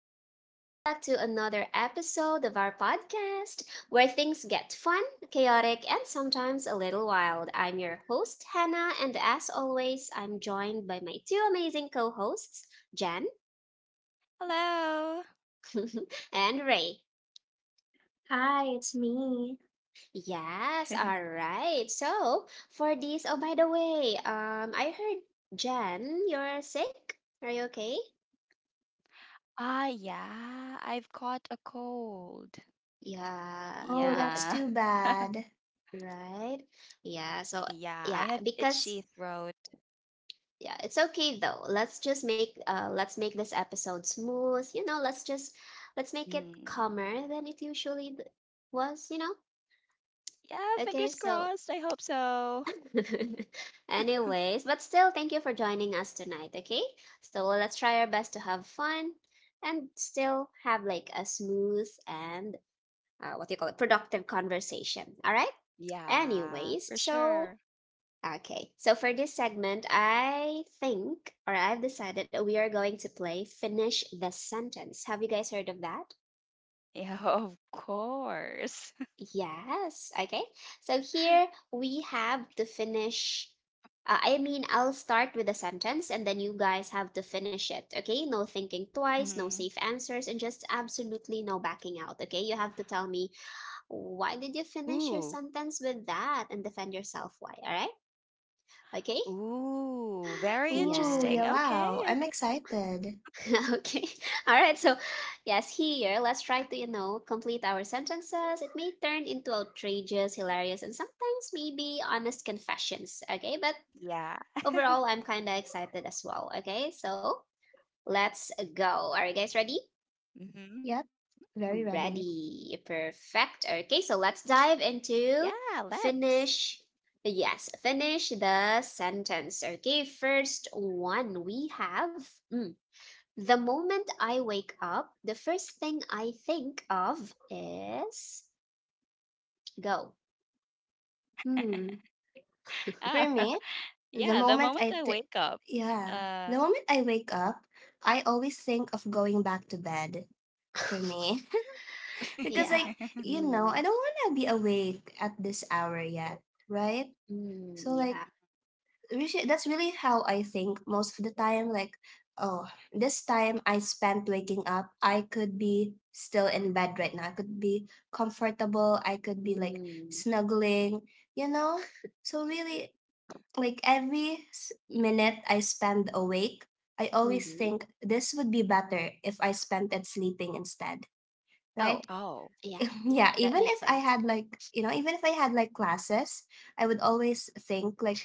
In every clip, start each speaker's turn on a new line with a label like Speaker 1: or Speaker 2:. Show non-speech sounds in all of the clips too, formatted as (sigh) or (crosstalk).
Speaker 1: So, welcome back to another episode of our podcast where things get fun, chaotic, and sometimes a little wild. I'm your host, Hannah, and as always, I'm joined by my two amazing co hosts, Jan
Speaker 2: Hello.
Speaker 1: (laughs) and Ray. Yes, all
Speaker 2: (laughs)
Speaker 1: right. So, for these, oh, by the way, I heard, Jan, you're sick. Are you okay?
Speaker 2: Ah, yeah, I've caught a cold.
Speaker 1: Yeah,
Speaker 2: Yeah. (laughs)
Speaker 1: right. Yeah. So
Speaker 2: Yeah, I have
Speaker 1: yeah,
Speaker 2: itchy
Speaker 1: because
Speaker 2: throat.
Speaker 1: yeah, it's okay though. Let's just make this episode smooth. Let's just let's make it
Speaker 2: Mm.
Speaker 1: calmer than it usually was, you know?
Speaker 2: Yeah,
Speaker 1: Okay,
Speaker 2: fingers
Speaker 1: so
Speaker 2: crossed. I hope so.
Speaker 1: (laughs)
Speaker 2: (laughs)
Speaker 1: anyways, but still thank you for joining us tonight, okay? So well, let's try our best to have fun and still have like a smooth and what do you call it, productive conversation. All right?
Speaker 2: Yeah,
Speaker 1: Anyways,
Speaker 2: for
Speaker 1: so
Speaker 2: sure.
Speaker 1: Okay, so for this segment, I think, or I've decided that we are going to play Finish the Sentence. Have you guys heard of that?
Speaker 2: Yeah, (laughs) of course. (laughs)
Speaker 1: Yes, okay. So here we have to finish. I mean, I'll start with a sentence and then you guys have to finish it, okay? No thinking twice, no
Speaker 2: Mhm.
Speaker 1: safe answers, and just absolutely no backing out, okay? You have to tell me why did you finish your
Speaker 2: Ooh,
Speaker 1: sentence with that and defend yourself why, all right? Okay?
Speaker 2: ooh, very
Speaker 1: Yes.
Speaker 2: interesting. Okay, okay.
Speaker 1: (laughs) okay. (laughs) All right. So, yes, here, let's try to complete our sentences. It may turn into outrageous, hilarious, and sometimes maybe honest confessions. Okay. But
Speaker 2: Yeah.
Speaker 1: overall, I'm kind of excited as well. Okay. So, let's go. Are you guys ready?
Speaker 2: Hmm.
Speaker 3: Yep, very ready.
Speaker 1: Ready. Perfect. Okay. So,
Speaker 2: Yeah,
Speaker 1: let's dive
Speaker 2: let's.
Speaker 1: into finish. Yes, finish the sentence. Okay. First one we have. mm, The moment I wake up, the first thing I think of is go.
Speaker 3: Hmm.
Speaker 2: Ah, (laughs)
Speaker 3: For
Speaker 2: yeah,
Speaker 3: me,
Speaker 2: the moment I
Speaker 3: the
Speaker 2: wake up.
Speaker 3: moment I th-
Speaker 2: Uh
Speaker 3: yeah, the moment I wake up, I always think of going back to bed. For me,
Speaker 1: (laughs)
Speaker 3: (laughs) because
Speaker 1: yeah.
Speaker 2: (laughs)
Speaker 3: like
Speaker 1: Mm,
Speaker 3: I don't want to be awake at this hour yet, right?
Speaker 1: mm,
Speaker 3: So like,
Speaker 1: yeah.
Speaker 3: really, that's really how I think most of the time. Like, oh, this time I spent waking up, I could be still in bed right now. I could be comfortable. I could be like
Speaker 1: Mm,
Speaker 3: snuggling, you know? So, really, like every minute I spend awake, I always
Speaker 1: mm-hmm.
Speaker 3: think this would be better if I spent it sleeping instead,
Speaker 1: Oh,
Speaker 3: right?
Speaker 2: Oh.
Speaker 1: yeah.
Speaker 3: (laughs)
Speaker 1: Yeah.
Speaker 3: yeah,
Speaker 1: That
Speaker 3: even
Speaker 1: makes
Speaker 3: if I
Speaker 1: sense.
Speaker 3: had like, you know, even if I had like classes, I would always think like,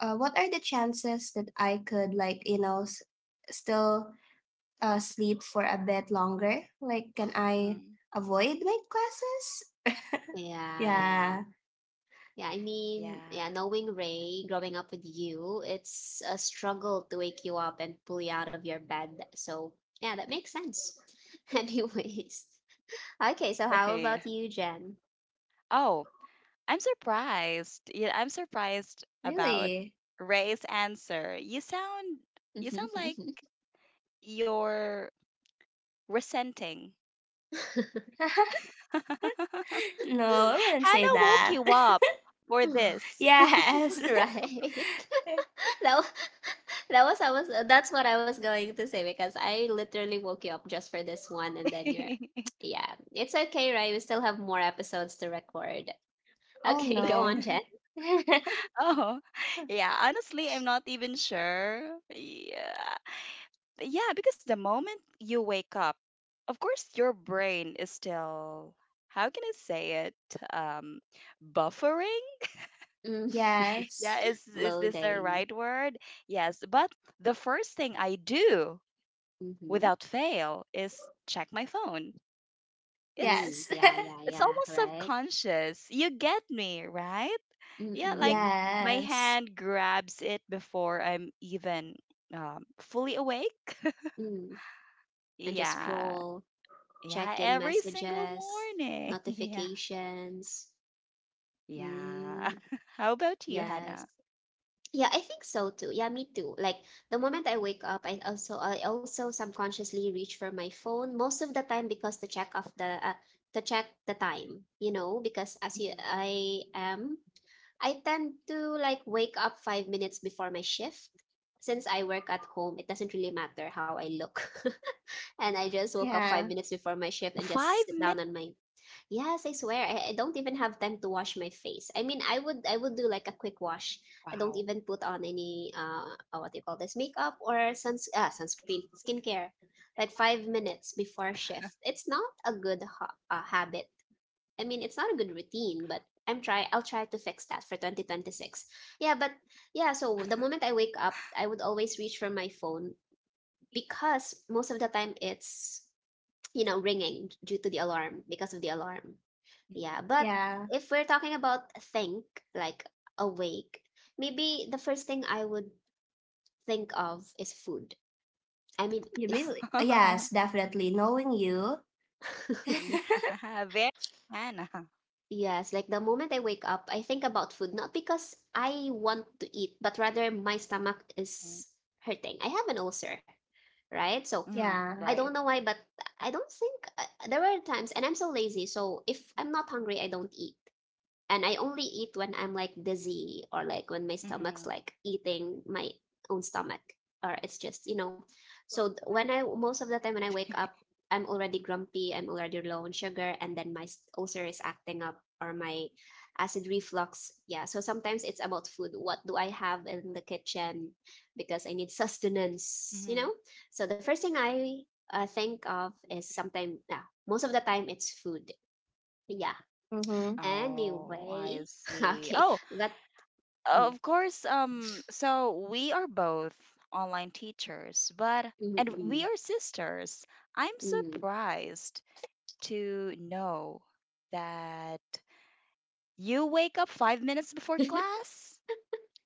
Speaker 3: what are the chances that I could like still sleep for a bit longer? Like, can I
Speaker 2: Hmm.
Speaker 3: avoid night classes?
Speaker 1: Yeah. Yeah.
Speaker 3: Yeah,
Speaker 1: Yeah. I mean, yeah,
Speaker 2: Yeah. (laughs)
Speaker 1: knowing Ray growing up with you, it's a struggle to wake you up and pull you out of your bed. So, yeah, that makes sense. (laughs) Anyways. Okay. So, how
Speaker 2: Hey.
Speaker 1: about you, Jen?
Speaker 2: Oh, I'm surprised. Yeah, I'm surprised
Speaker 3: really?
Speaker 2: about Ray's answer. You sound like you're resenting.
Speaker 3: (laughs)
Speaker 2: (laughs)
Speaker 3: no, I wouldn't say
Speaker 2: Hannah
Speaker 3: that.
Speaker 2: woke you up for
Speaker 3: (laughs)
Speaker 1: (laughs)
Speaker 2: this.
Speaker 3: yes.
Speaker 1: Right. (laughs) That wa- (laughs) that's what I was going to say, because I literally woke you up just for this one and then you're
Speaker 2: (laughs)
Speaker 1: (tsk) yeah, it's okay, right? We still have more episodes to record.
Speaker 3: (laughs) oh
Speaker 1: Okay, (laughs) go
Speaker 3: no.
Speaker 1: on, Jen.
Speaker 3: (laughs)
Speaker 2: Oh, yeah. Honestly, I'm not even sure. Yeah, yeah, because the moment you wake up, of course, your brain is still, how can I say it? Um, Buffering?
Speaker 1: Mm,
Speaker 2: Yeah,
Speaker 3: yes.
Speaker 2: is this the
Speaker 1: loading.
Speaker 2: right word? Yes, but the first thing I do
Speaker 1: Mm-hmm.
Speaker 2: without fail is check my phone. It's
Speaker 1: Mm,
Speaker 3: Yes. (laughs)
Speaker 1: yeah, yeah,
Speaker 2: it's
Speaker 1: yeah,
Speaker 2: almost
Speaker 1: right?
Speaker 2: subconscious. You get me, right? Yeah, like
Speaker 1: Mm-mm.
Speaker 2: my
Speaker 3: Yes.
Speaker 2: hand grabs it before I'm even fully awake. (laughs)
Speaker 1: Mm. And just
Speaker 2: Yeah,
Speaker 1: scroll,
Speaker 2: yeah,
Speaker 1: checking
Speaker 2: every single
Speaker 1: messages,
Speaker 2: morning. (laughs) Yeah.
Speaker 1: notifications.
Speaker 2: Yeah.
Speaker 1: Mm,
Speaker 2: (laughs) How about you,
Speaker 1: yes.
Speaker 2: Hannah?
Speaker 1: Yeah, I think so too. Yeah, me too. Like, the moment I wake up, I also subconsciously reach for my phone most of the time, because to check the time, because as you
Speaker 2: Mhm.
Speaker 1: I am, I tend to like wake up 5 minutes before my shift. Since I work at home, it doesn't really matter how I look. (laughs) And I just woke up five
Speaker 3: Yeah.
Speaker 1: minutes before my
Speaker 2: Five
Speaker 1: shift
Speaker 2: minutes.
Speaker 1: and just sit down on my. Yes, I swear. I don't even have time to wash my face. I mean, I would do like a quick wash.
Speaker 2: Wow.
Speaker 1: I don't even put on any what do you call this, makeup or sunscreen, skincare, like 5 minutes before shift. It's not a good ha habit. I mean, it's not a good routine, but I'll try to fix that for 2026. Yeah, but yeah, so the moment I wake up, I would always reach for my phone because most of the time it's ringing due to the alarm because of the alarm, yeah, but
Speaker 3: Yeah.
Speaker 1: if we're talking about think, like awake, maybe the first thing I would think of is food. I mean,
Speaker 3: You
Speaker 1: is.
Speaker 3: really? Yes,
Speaker 2: (laughs)
Speaker 3: definitely. Knowing you. (laughs)
Speaker 1: (laughs)
Speaker 2: Yeah, very Hannah.
Speaker 1: yes, like the moment I wake up, I think about food, not because I want to eat, but rather my stomach
Speaker 2: Mhm.
Speaker 1: is hurting. I have an ulcer, right? So
Speaker 2: Mhm,
Speaker 3: Yeah.
Speaker 1: I don't
Speaker 2: right.
Speaker 1: know why, but I don't think there were times, and I'm so lazy. So if I'm not hungry, I don't eat. And I only eat when I'm like dizzy, or like
Speaker 2: Hmm.
Speaker 1: when my stomach's like eating my own stomach, or it's just so when I most of the time when I wake up, I'm already grumpy, I'm already low on sugar, and then my ulcer is acting up, or my acid reflux, yeah. So sometimes it's about food, what do I have in the kitchen, because I need (laughs)
Speaker 2: Hmm.
Speaker 1: sustenance, you know? So the first thing I think of is, sometimes, yeah, most of the time it's food, yeah.
Speaker 3: Mm-hmm.
Speaker 2: Oh, I
Speaker 1: Anyway, (laughs)
Speaker 2: see.
Speaker 1: okay,
Speaker 2: Oh,
Speaker 1: but mm,
Speaker 2: of course. So we are both online teachers, but and
Speaker 1: mm,
Speaker 2: we are sisters. I'm
Speaker 1: mm, mm.
Speaker 2: surprised to know that you wake up 5 minutes before class?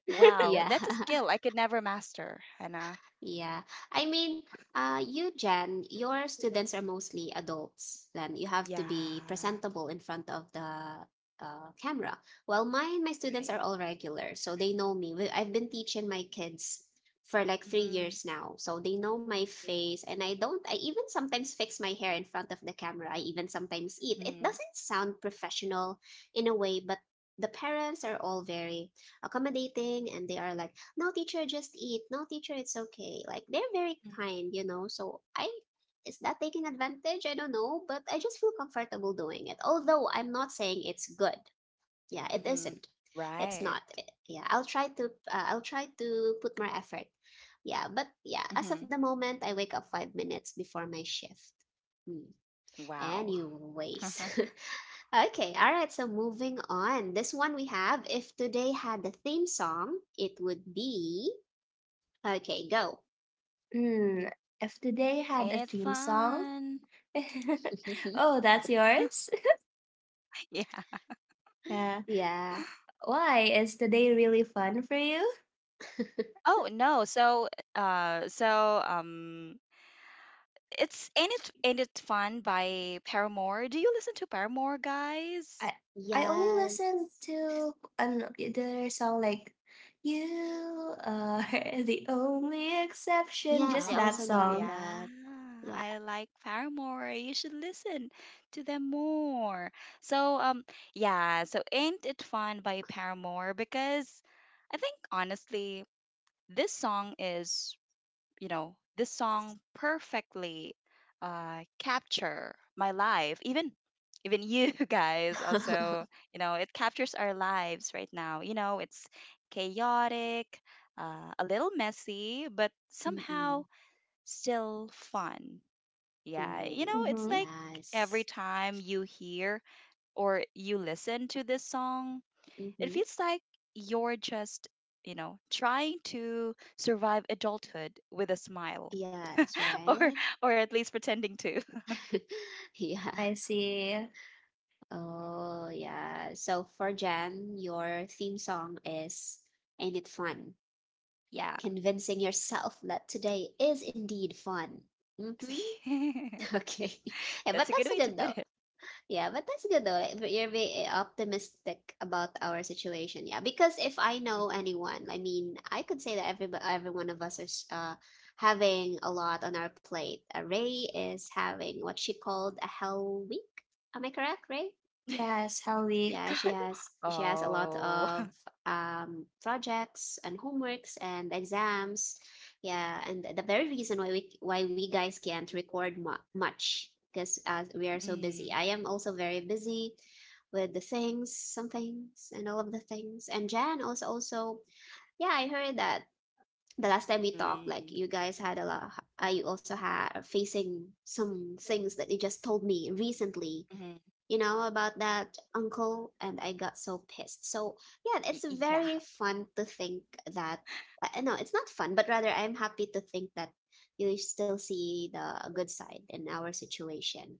Speaker 2: Wow,
Speaker 1: (laughs) yeah.
Speaker 2: that's a skill I could never master, Hannah.
Speaker 1: Yeah. I mean, you, Jen, your students are mostly adults. Then you have to be
Speaker 2: Yeah,
Speaker 1: presentable in front of the camera. Well, my students are
Speaker 2: right.
Speaker 1: all regular, so they know me. I've been teaching my kids for like three
Speaker 2: Mm,
Speaker 1: years now, so they know my face. And I don't, I even sometimes fix my hair in front of the camera. I even sometimes eat. It
Speaker 2: mm,
Speaker 1: doesn't sound professional in a way, but the parents are all very accommodating, and they are like, no teacher, just eat, no teacher, it's okay, like they're very
Speaker 2: mm,
Speaker 1: kind, so I is that taking advantage? I don't know, but I just feel comfortable doing it, although I'm not saying it's good. Yeah, it
Speaker 2: mm,
Speaker 1: isn't.
Speaker 2: right.
Speaker 1: It's not yeah, I'll try to put more effort. Yeah, but yeah, as of
Speaker 2: Hmm.
Speaker 1: the moment, I wake up 5 minutes before my shift. Mm.
Speaker 2: Wow. (laughs)
Speaker 1: Anyways, (laughs) okay, all right, so moving on. This one we have, if today had a theme song, it would be. Okay, go.
Speaker 3: Mm, if the day
Speaker 2: Ain't it
Speaker 3: had a theme song.
Speaker 2: fun?
Speaker 3: (laughs)
Speaker 1: (laughs)
Speaker 3: oh, that's yours? (laughs)
Speaker 2: (laughs) Yeah.
Speaker 3: Uh,
Speaker 1: yeah.
Speaker 3: why? Is today really fun for you?
Speaker 2: Oh no. So, it's Ain't It Fun by Paramore. Do you listen to Paramore, guys?
Speaker 3: I I only
Speaker 1: Yes.
Speaker 3: listen to an their song like You Are (laughs) the Only Exception,
Speaker 1: Yes,
Speaker 3: just
Speaker 1: I
Speaker 3: that
Speaker 1: also
Speaker 2: Oh,
Speaker 1: know
Speaker 3: song.
Speaker 2: yeah.
Speaker 1: that. Yeah.
Speaker 2: I like Paramore. You should listen to them more. So, yeah, so Ain't It Fun by Paramore because I think honestly, this song is, this song perfectly capture my life. Even you (laughs) guys
Speaker 1: (laughs)
Speaker 2: also, you know, it captures our lives right now. You know, it's chaotic, a little messy, but
Speaker 1: Mm-mm.
Speaker 2: somehow still fun. Yeah, you
Speaker 1: Ooh,
Speaker 2: know, it's
Speaker 3: Mm-hmm.
Speaker 2: like every
Speaker 1: yes.
Speaker 2: time you hear or you listen to this song, it
Speaker 1: Mm-hmm.
Speaker 2: feels like you're just, you know, trying to survive adulthood with a smile
Speaker 1: Yes,
Speaker 2: (laughs) or
Speaker 1: right?
Speaker 2: or at least pretending to. (laughs)
Speaker 1: (laughs) Yeah.
Speaker 3: I see.
Speaker 1: Oh, yeah. So for Jan, your theme song is Ain't It Fun?
Speaker 2: Yeah.
Speaker 1: Convincing yourself that today is indeed fun. Mm-hmm. (laughs)
Speaker 2: (laughs)
Speaker 1: Okay. (laughs) Yeah, but
Speaker 2: That's a good
Speaker 1: that's a
Speaker 2: way to
Speaker 1: good though.
Speaker 2: put it.
Speaker 1: Yeah, but that's good though. Like, but you're very optimistic about our situation. Yeah, because if I know anyone, I mean, I could say that every one of us is having a lot on our plate. Ray is having what she called a hell week. Am I correct, Ray?
Speaker 2: (laughs)
Speaker 3: Yes, how
Speaker 1: Yeah,
Speaker 3: weak.
Speaker 1: she has a lot
Speaker 2: Oh.
Speaker 1: of
Speaker 2: (laughs)
Speaker 1: projects and homeworks and exams. Yeah, and the very reason why we guys can't record much, because we are so
Speaker 2: Mm,
Speaker 1: busy. I am also very busy with the things, some things, and all of the things. And Jan also, yeah, I heard that the last time we talked,
Speaker 2: mm,
Speaker 1: like you guys had a lot. You also had facing some things that you just told me recently,
Speaker 2: mm.
Speaker 1: about that uncle, and I got so pissed. So, yeah,
Speaker 2: Y-
Speaker 1: it's
Speaker 2: Yeah.
Speaker 1: very fun to think that. No, it's not fun, but rather I'm happy to think that you still see the good side in our situation.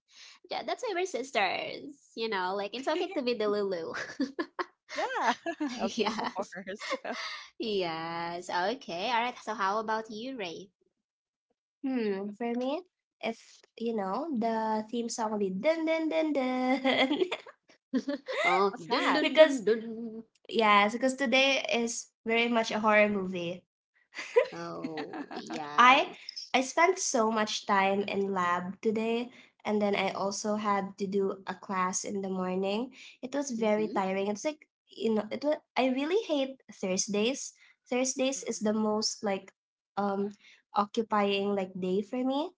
Speaker 1: Yeah, that's why we're sisters, like it's okay to
Speaker 2: (laughs)
Speaker 1: be the Lulu.
Speaker 2: Yeah,
Speaker 1: (laughs)
Speaker 2: (laughs) of
Speaker 1: yes,
Speaker 2: course. (laughs)
Speaker 1: yes, okay, all right. So, how about you, Ray?
Speaker 3: For me, if you know the theme song will be dun dun dun dun
Speaker 1: (laughs) oh,
Speaker 2: What's
Speaker 1: dun
Speaker 3: (laughs)
Speaker 2: that?
Speaker 1: dun
Speaker 3: because
Speaker 1: dun dun.
Speaker 3: yes, because today is very much a horror movie.
Speaker 1: Oh,
Speaker 2: (laughs)
Speaker 3: I
Speaker 1: yes.
Speaker 3: I spent so much time in lab today and then I also had to do a class in the morning. It was very
Speaker 1: Mm-hmm.
Speaker 3: tiring. It's like, I really hate Thursdays. Thursdays is the most like um occupying like day for me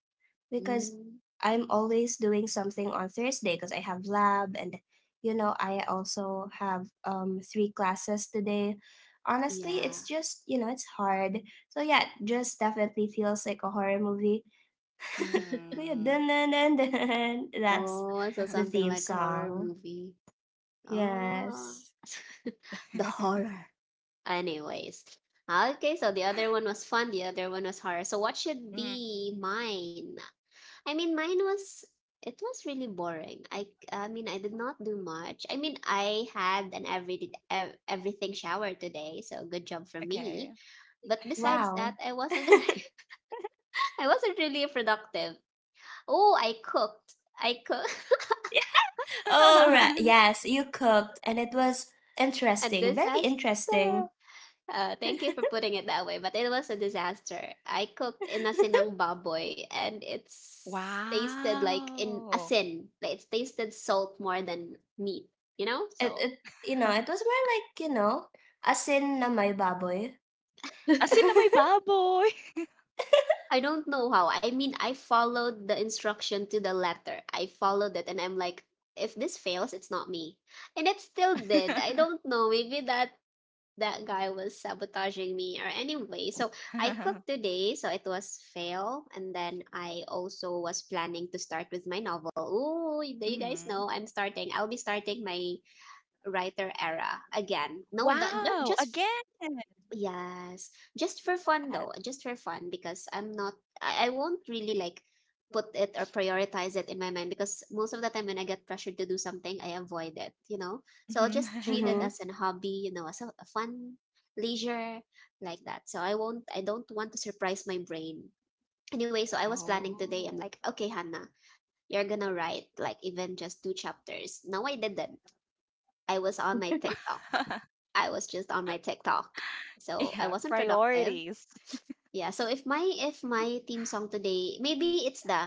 Speaker 3: because
Speaker 1: Mm,
Speaker 3: I'm always doing something on Thursday because I have lab and I also have three classes today. Honestly, it's
Speaker 1: yeah.
Speaker 3: just it's hard. So yeah, it just definitely feels like a horror movie.
Speaker 2: Mm.
Speaker 3: Dun- dun- dun- (laughs) dun. That's
Speaker 1: Oh,
Speaker 2: (laughs)
Speaker 1: so
Speaker 2: uh
Speaker 3: the
Speaker 1: something
Speaker 3: theme
Speaker 1: like a horror
Speaker 3: song.
Speaker 1: movie. Oh,
Speaker 3: Yes.
Speaker 1: (laughs) the horror. Anyways, okay. So the other one was fun. The other one was horror. So what should
Speaker 2: Mm,
Speaker 1: be mine? I mean, mine was it was really boring. I mean, I did not do much. I mean, I had an everything shower today, so good job for
Speaker 2: okay.
Speaker 1: me. But besides
Speaker 3: Wow.
Speaker 1: that, I wasn't
Speaker 3: (laughs)
Speaker 1: (laughs) I wasn't really productive. Oh, I cooked. I cooked.
Speaker 3: Oh right.
Speaker 2: (laughs)
Speaker 3: Yes, you cooked and it was
Speaker 1: (laughs) A
Speaker 3: interesting. Very
Speaker 1: disaster.
Speaker 3: interesting.
Speaker 1: Thank you for putting it that way, but it was a disaster. I cooked in
Speaker 3: (laughs)
Speaker 1: asinang baboy and it's tasted like in
Speaker 2: Wow.
Speaker 1: asin. Like, it tasted salt more than meat, you know?
Speaker 3: It
Speaker 1: So
Speaker 3: it it was
Speaker 2: (laughs)
Speaker 3: more like, asin na may baboy.
Speaker 2: Asin
Speaker 1: (laughs)
Speaker 2: na may
Speaker 3: (laughs)
Speaker 2: baboy.
Speaker 1: I don't know how. I mean, I followed the instruction to the letter. I followed it and I'm like, if this fails, it's not me. And it still did. I
Speaker 2: (laughs)
Speaker 1: don't know. Maybe that guy was sabotaging me, or anyway, so I cooked today, so it was fail, and then I also was planning to start with my novel. Oh, do you guys
Speaker 2: Mhm.
Speaker 1: know, I'll be starting my writer era again? No, that,
Speaker 2: Wow,
Speaker 1: just.
Speaker 2: again.
Speaker 1: Yes, just for fun
Speaker 2: That.
Speaker 1: though, just for fun, because I'm not. I won't really like put it or prioritize it in my mind, because most of the time when I get pressured to do something, I avoid it, you know? So I'll
Speaker 2: Mhm.
Speaker 1: just treat it
Speaker 2: (laughs)
Speaker 1: as an hobby, as a fun leisure like that. So I don't want to surprise my brain. Anyway, so I was planning today, I'm
Speaker 2: Oh.
Speaker 1: like, okay, Hannah, you're gonna write like even just two chapters. No, I didn't. I was on my TikTok.
Speaker 2: (laughs)
Speaker 1: I was just on my TikTok. So I
Speaker 2: Yeah,
Speaker 1: wasn't productive.
Speaker 2: priorities.
Speaker 1: Yeah. So if my theme song today, maybe it's the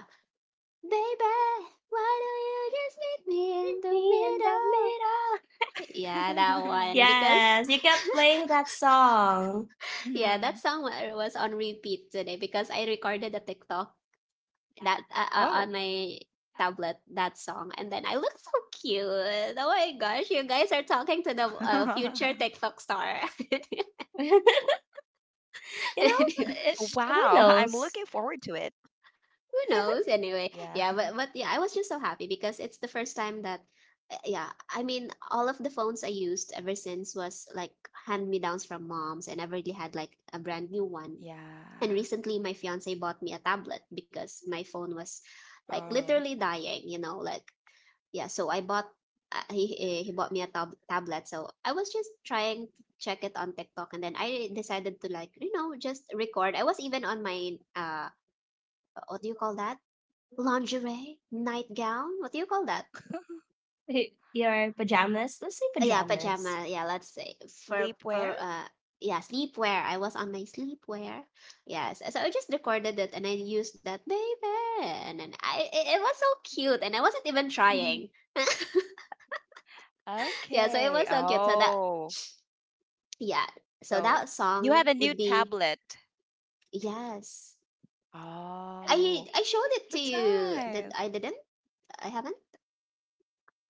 Speaker 1: baby, why do you just meet me in the
Speaker 3: Me in the
Speaker 1: middle?
Speaker 3: middle.
Speaker 1: Yeah, that
Speaker 2: (laughs)
Speaker 1: one. Because
Speaker 3: Yes, you kept playing that song.
Speaker 1: yeah, that
Speaker 2: Mhm.
Speaker 1: song was on repeat today because I recorded a TikTok that on
Speaker 2: Oh.
Speaker 1: my tablet that song, and then I look so cute. Oh my gosh, you guys are talking to the
Speaker 2: (laughs)
Speaker 1: future TikTok star.
Speaker 3: (laughs) you know,
Speaker 2: Wow,
Speaker 3: it,
Speaker 2: I'm
Speaker 1: (laughs)
Speaker 3: who
Speaker 2: looking forward to
Speaker 3: knows?
Speaker 2: it.
Speaker 1: Who knows
Speaker 2: Yeah.
Speaker 3: (laughs)
Speaker 2: (laughs)
Speaker 1: anyway, yeah, but yeah, I was just so happy because it's the first time that yeah, I mean, all of the phones I used ever since was like hand me downs from moms, and I already had like a brand new one.
Speaker 2: Yeah.
Speaker 1: And recently my fiance bought me a tablet because my phone was like
Speaker 2: Oh.
Speaker 1: literally dying, you know, like yeah, so I bought he bought me a tablet, so I was just trying to check it on TikTok and then I decided to like, you know, just record. I was even on my what do you call that? Lingerie, nightgown, what do you call that?
Speaker 2: (laughs)
Speaker 3: Your pajamas. Let's say
Speaker 1: Yeah,
Speaker 3: pajamas.
Speaker 1: pajama. Yeah, let's say for
Speaker 2: Sleepwear?
Speaker 1: for uh yeah, sleepwear. I was on my sleepwear. Yes, so I just recorded it and I used that baby, and then it was so cute, and I wasn't even trying.
Speaker 2: (laughs)
Speaker 1: (laughs) Yeah, so it
Speaker 2: Okay.
Speaker 1: was so cute. So that
Speaker 2: Oh,
Speaker 1: yeah, so
Speaker 2: so
Speaker 1: that
Speaker 2: you
Speaker 1: song
Speaker 2: have a new
Speaker 1: would be,
Speaker 2: tablet.
Speaker 1: yes.
Speaker 2: Oh,
Speaker 1: I showed it to
Speaker 2: that's
Speaker 1: you. That
Speaker 2: nice.
Speaker 1: I didn't? I haven't.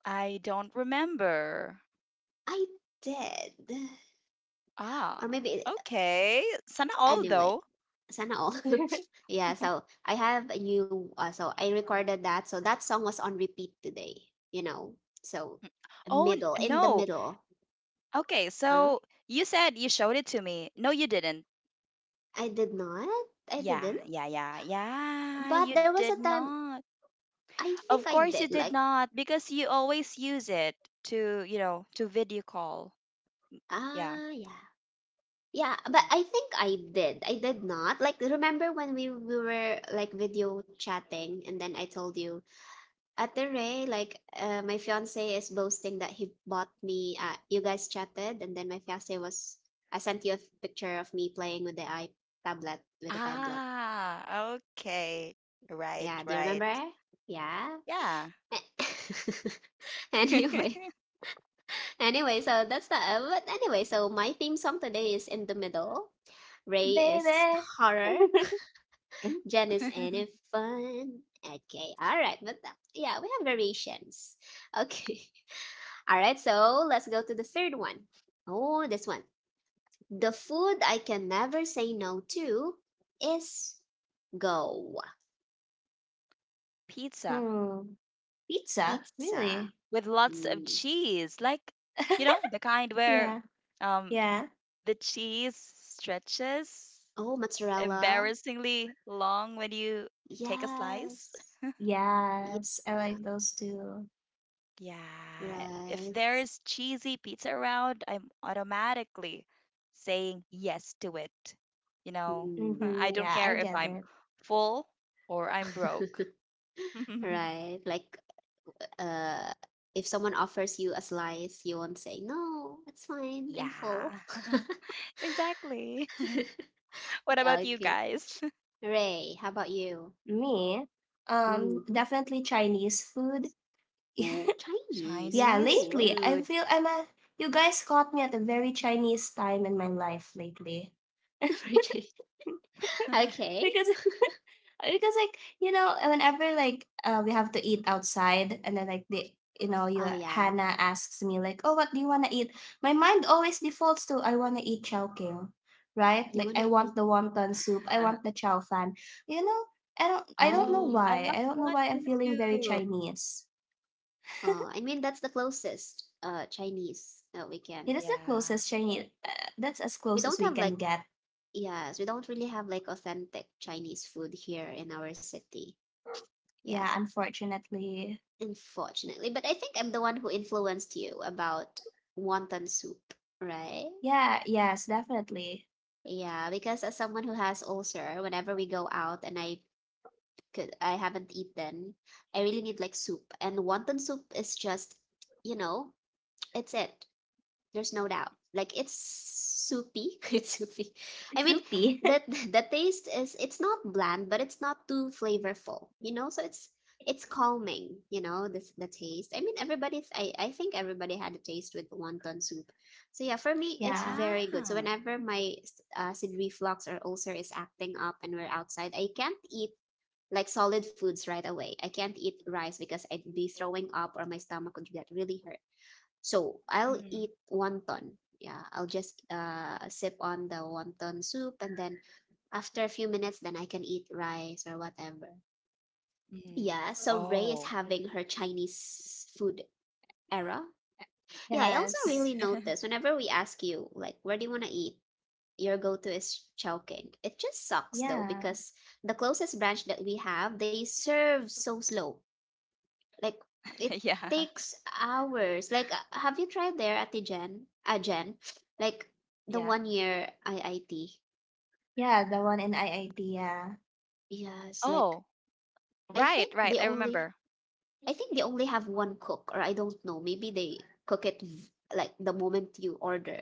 Speaker 2: I don't remember.
Speaker 1: I did,
Speaker 2: Ah,
Speaker 1: or maybe
Speaker 2: okay. Sana all
Speaker 1: anyway,
Speaker 2: though.
Speaker 1: sana all. (laughs) Yeah,
Speaker 2: (laughs)
Speaker 1: so I have a new so I recorded that. So that song was on repeat today, you know. So
Speaker 2: Oh, n-
Speaker 1: middle, in the
Speaker 2: no.
Speaker 1: middle.
Speaker 2: Okay,
Speaker 1: Huh?
Speaker 2: so you said you showed it to me. No, you didn't.
Speaker 1: I did not. I
Speaker 2: Yeah,
Speaker 1: didn't.
Speaker 2: yeah, yeah, yeah.
Speaker 1: But
Speaker 2: You
Speaker 1: there was a
Speaker 2: did
Speaker 1: time
Speaker 2: not.
Speaker 1: I think
Speaker 2: Of
Speaker 1: I
Speaker 2: course you
Speaker 1: did,
Speaker 2: did
Speaker 1: like,
Speaker 2: not because you always use it to, you know, to video call. Yeah.
Speaker 1: ah, yeah. Yeah, but
Speaker 2: Mm.
Speaker 1: I think I did. I did not. Like, remember when we were like video chatting and then I told you, at the Ray, like my fiance is boasting that he bought me. You guys chatted, and then my fiance was, I sent you a picture of me playing with the I tablet, with the tablet.
Speaker 2: Ah, okay. Right,
Speaker 1: Yeah, do you
Speaker 2: right.
Speaker 1: remember? Yeah.
Speaker 2: Yeah.
Speaker 1: (laughs) Anyway,
Speaker 2: (laughs)
Speaker 1: anyway, so that's the. But anyway, so my theme song today is in the middle. Ray is
Speaker 3: Baby.
Speaker 1: horror.
Speaker 3: (laughs)
Speaker 1: (laughs) Jen is any fun. Okay, all right, but yeah, we have variations. (laughs) Okay. All right, so let's go to the third one. Oh, this one. The food I can never say no to is go.
Speaker 2: Pizza
Speaker 3: hmm. Pizza?
Speaker 1: Pizza.
Speaker 3: Really?
Speaker 2: with lots of
Speaker 1: Mm.
Speaker 2: cheese. Like, you know, the
Speaker 3: (laughs)
Speaker 2: kind where
Speaker 3: Yeah.
Speaker 2: um
Speaker 3: Yeah.
Speaker 2: the cheese stretches
Speaker 1: Oh, mozzarella.
Speaker 2: embarrassingly long when you take a slice.
Speaker 1: Yes.
Speaker 3: Yes.
Speaker 1: Yeah,
Speaker 3: Oh.
Speaker 2: Yeah. If
Speaker 1: right.
Speaker 2: there is cheesy pizza around, I'm automatically saying yes to it. You know, (laughs)
Speaker 1: Mm.
Speaker 2: I
Speaker 3: Mm-hmm.
Speaker 2: don't
Speaker 3: Yeah,
Speaker 2: care
Speaker 3: I
Speaker 2: if
Speaker 3: get
Speaker 2: I'm
Speaker 3: it.
Speaker 2: full or I'm broke.
Speaker 1: (laughs)
Speaker 2: (laughs)
Speaker 1: Right. Like, uh, if someone offers you a slice, you won't say, no, it's fine, I'm full.
Speaker 2: Yeah, (laughs)
Speaker 1: (laughs)
Speaker 2: exactly. (laughs) What
Speaker 1: Yeah,
Speaker 2: about you
Speaker 1: okay.
Speaker 2: guys? (laughs)
Speaker 1: Ray, how about you?
Speaker 3: Me,
Speaker 1: Mm.
Speaker 3: definitely Chinese food.
Speaker 1: Ooh,
Speaker 3: (laughs)
Speaker 1: Chinese
Speaker 3: yeah,
Speaker 2: Chinese
Speaker 3: lately
Speaker 1: food?
Speaker 3: I
Speaker 2: food.
Speaker 3: feel I'm a. You guys caught me at a very Chinese time in my life lately.
Speaker 1: (laughs) Origi-
Speaker 2: (laughs)
Speaker 3: (laughs)
Speaker 1: okay.
Speaker 3: because because like whenever like, we have to eat outside, and then like the you
Speaker 1: Oh yeah.
Speaker 3: Hannah asks me like, oh, what do you want to eat? My mind always defaults to, I want to eat Chowking. Right,
Speaker 1: You
Speaker 3: like I
Speaker 1: wanna
Speaker 3: want
Speaker 1: eat?
Speaker 3: the wonton soup, I want the chow fan, you know I don't
Speaker 2: Oh, I
Speaker 3: know
Speaker 2: love
Speaker 1: Mm.
Speaker 3: why I don't know
Speaker 2: wonton
Speaker 3: why I'm feeling
Speaker 2: soup.
Speaker 3: very Chinese.
Speaker 1: Oh, I mean that's the closest Chinese that we
Speaker 3: It
Speaker 1: can.
Speaker 3: is the
Speaker 2: Yeah.
Speaker 3: closest Chinese. That's as
Speaker 1: We
Speaker 3: close as
Speaker 1: don't
Speaker 3: we
Speaker 1: have
Speaker 3: can
Speaker 1: like
Speaker 3: get.
Speaker 1: yes, we don't really have like authentic Chinese food here in our city. Yeah,
Speaker 3: Yeah, unfortunately.
Speaker 1: unfortunately. But I think I'm the one who influenced you about wonton soup, right?
Speaker 3: Yeah, yes, definitely.
Speaker 1: Yeah, because as someone who has ulcer, whenever we go out and I 'cause I haven't eaten. I really need like soup, and wonton soup is just, you know, it's it. There's no doubt. Like, it's soupy, (laughs) it's soupy. I
Speaker 3: It's
Speaker 1: mean,
Speaker 3: soupy.
Speaker 2: (laughs)
Speaker 1: that the taste is it's not bland, but it's not too flavorful, you know. So it's calming, you know. This the taste. I mean, everybody. I think everybody had a taste with wonton soup. So yeah,
Speaker 3: (laughs)
Speaker 1: for me, it's
Speaker 3: yeah.
Speaker 2: Yeah.
Speaker 1: very good. So whenever my acid reflux or ulcer is acting up and we're outside, I can't eat like solid foods right away. I can't eat rice because I'd be throwing up or my stomach would get really hurt. So I'll
Speaker 2: Mm,
Speaker 1: eat wonton. Yeah, I'll just sip on the wonton soup and then after a few minutes, then I can eat rice or whatever.
Speaker 2: mm.
Speaker 1: Yeah, so Ray
Speaker 2: Oh,
Speaker 1: is having her Chinese food era. Yeah, I also really
Speaker 3: Yes.
Speaker 1: notice
Speaker 2: (laughs)
Speaker 1: whenever we ask you, like, where do you want to eat? Your go to is Chowking. It just sucks though,
Speaker 3: Yeah.
Speaker 1: because the closest branch that we have, they serve so slow. Like, it
Speaker 2: yeah.
Speaker 1: takes hours. Like have you tried there at the Jen? Jen? Like the
Speaker 2: Yeah.
Speaker 1: one year IIT.
Speaker 3: Yeah, the one in IIT. Yeah.
Speaker 1: Yes, like
Speaker 2: Oh,
Speaker 1: I think
Speaker 2: right,
Speaker 1: they
Speaker 2: right. I
Speaker 1: only
Speaker 2: remember.
Speaker 1: I think they only have one cook or I don't know. Maybe they cook it like the moment you order,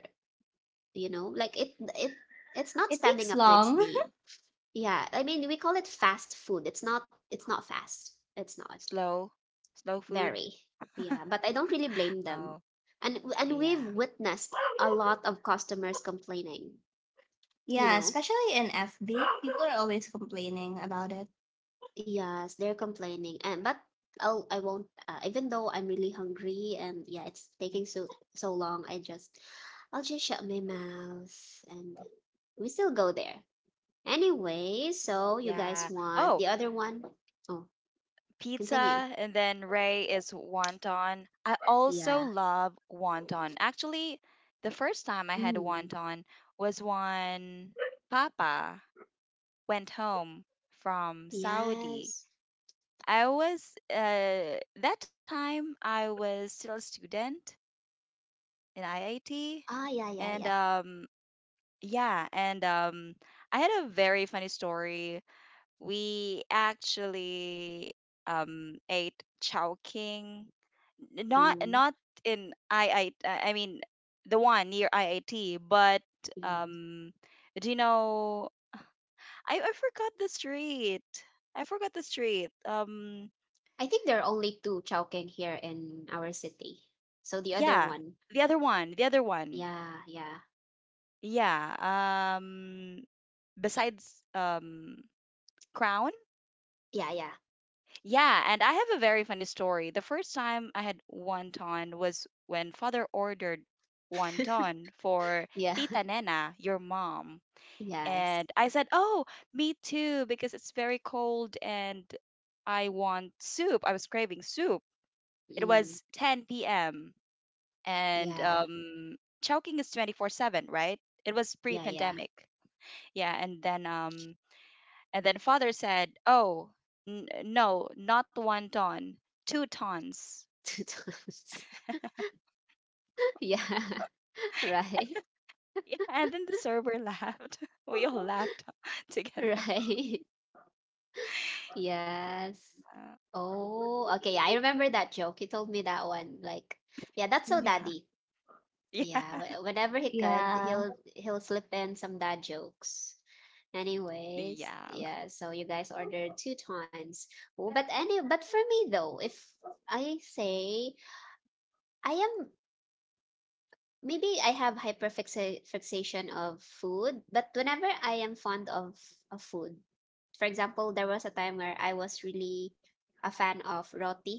Speaker 1: you know? Like it it's not
Speaker 3: It
Speaker 1: standing
Speaker 3: takes
Speaker 1: up to its
Speaker 3: long.
Speaker 1: name. Yeah, I mean we call it fast food. It's not fast. It's not.
Speaker 2: Slow, slow food.
Speaker 1: Very.
Speaker 2: (laughs)
Speaker 1: Yeah, but I don't really blame them.
Speaker 2: Oh,
Speaker 1: And we've
Speaker 2: yeah.
Speaker 1: witnessed a lot of customers complaining,
Speaker 3: (laughs)
Speaker 1: you
Speaker 3: yeah,
Speaker 2: Hmm.
Speaker 1: know.
Speaker 3: especially in FB. People are always complaining about it.
Speaker 1: Yes, they're complaining. And but I won't even though I'm really hungry and yeah, it's taking so so long, I just I'll just shut my mouth and we still go there. Anyway, so you guys
Speaker 2: Yeah.
Speaker 1: want
Speaker 2: Oh,
Speaker 1: the other one? Oh,
Speaker 2: pizza,
Speaker 1: continue.
Speaker 2: and then Ray is wonton. I also
Speaker 1: Yeah.
Speaker 2: love wonton. Actually, the first time I had
Speaker 1: Mm.
Speaker 2: wonton was when Papa went home from Saudi.
Speaker 1: Yes.
Speaker 2: I was That time I was still a student in IIT,
Speaker 1: Ah, yeah, yeah,
Speaker 2: and
Speaker 1: yeah.
Speaker 2: yeah, and I had a very funny story. We actually ate Chowking. N- not
Speaker 1: Mm.
Speaker 2: not in I mean the one near IIT but
Speaker 1: Mm.
Speaker 2: um do you know I forgot the street. I forgot the street um
Speaker 1: I think there are only 2 Chowking here in our city. So the other
Speaker 2: yeah,
Speaker 1: one,
Speaker 2: the other one,
Speaker 1: yeah, yeah.
Speaker 2: yeah. um Besides Crown.
Speaker 1: Yeah, yeah.
Speaker 2: Yeah, and I have a very funny story. The first time I had wonton was when father ordered
Speaker 1: (laughs)
Speaker 2: wonton for
Speaker 1: Yeah.
Speaker 2: Tita
Speaker 1: (laughs)
Speaker 2: Nena, your mom.
Speaker 1: Yes.
Speaker 2: And I said, "Oh, me too," because it's very cold and I want soup. I was craving soup. It
Speaker 1: Mm.
Speaker 2: was 10 p.m. and
Speaker 1: Yeah.
Speaker 2: Chowking is 24/7, right? It was
Speaker 1: Yeah, yeah.
Speaker 2: pre-pandemic. Yeah, and then um, and then father said, "Oh, n- no, not one ton, two tons."
Speaker 1: (laughs) Yeah. (laughs) Right.
Speaker 2: Yeah, and then the server laughed. (laughs) We all laughed (laughs) together.
Speaker 1: Right. (laughs) Yes.
Speaker 2: Uh,
Speaker 1: Oh, okay. Yeah, I remember that joke. You told me that one. Like, yeah, that's so
Speaker 2: yeah.
Speaker 1: daddy.
Speaker 2: Yeah.
Speaker 1: Yeah,
Speaker 2: (laughs)
Speaker 1: whenever he could,
Speaker 3: Yeah.
Speaker 1: he'll slip in some dad jokes.
Speaker 2: Yeah.
Speaker 1: Anyways, yeah, so you guys ordered two tons. Oh, but any but for me though, if I say I am maybe I have hyperfixa fixation of food, but whenever I am fond of food, for example, there was a time where I was really a fan of roti,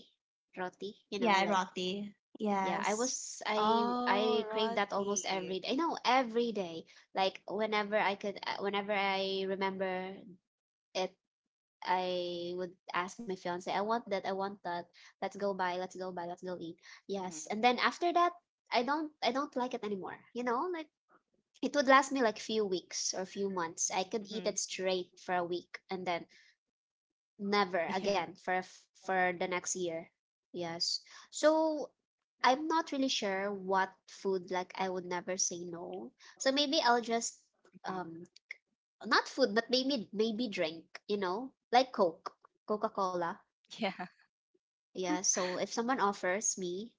Speaker 1: roti, you know,
Speaker 3: Yeah,
Speaker 1: like
Speaker 3: roti.
Speaker 1: yeah, I
Speaker 3: Yes.
Speaker 1: was
Speaker 2: Oh,
Speaker 1: I crave
Speaker 2: roti.
Speaker 1: that almost every day. No, every day. Like whenever I could, whenever I remember it, I would ask my fiance, "I want that. I want that. Let's go buy. Let's go buy. Let's go eat."
Speaker 2: Mm-hmm.
Speaker 1: Yes, and then after that, I don't like it anymore. You know, like it would last me like few weeks or few months. I could
Speaker 2: Mm-hmm.
Speaker 1: eat it straight for a week, and then
Speaker 2: Yeah.
Speaker 1: never again for a for the next year. Yes. So I'm not really sure what food like I would never say no. So maybe I'll just
Speaker 2: Mm-hmm.
Speaker 1: um not food but maybe maybe drink, you know, like Coke, Coca-Cola.
Speaker 2: (laughs) Yeah.
Speaker 1: Yeah, so if someone offers me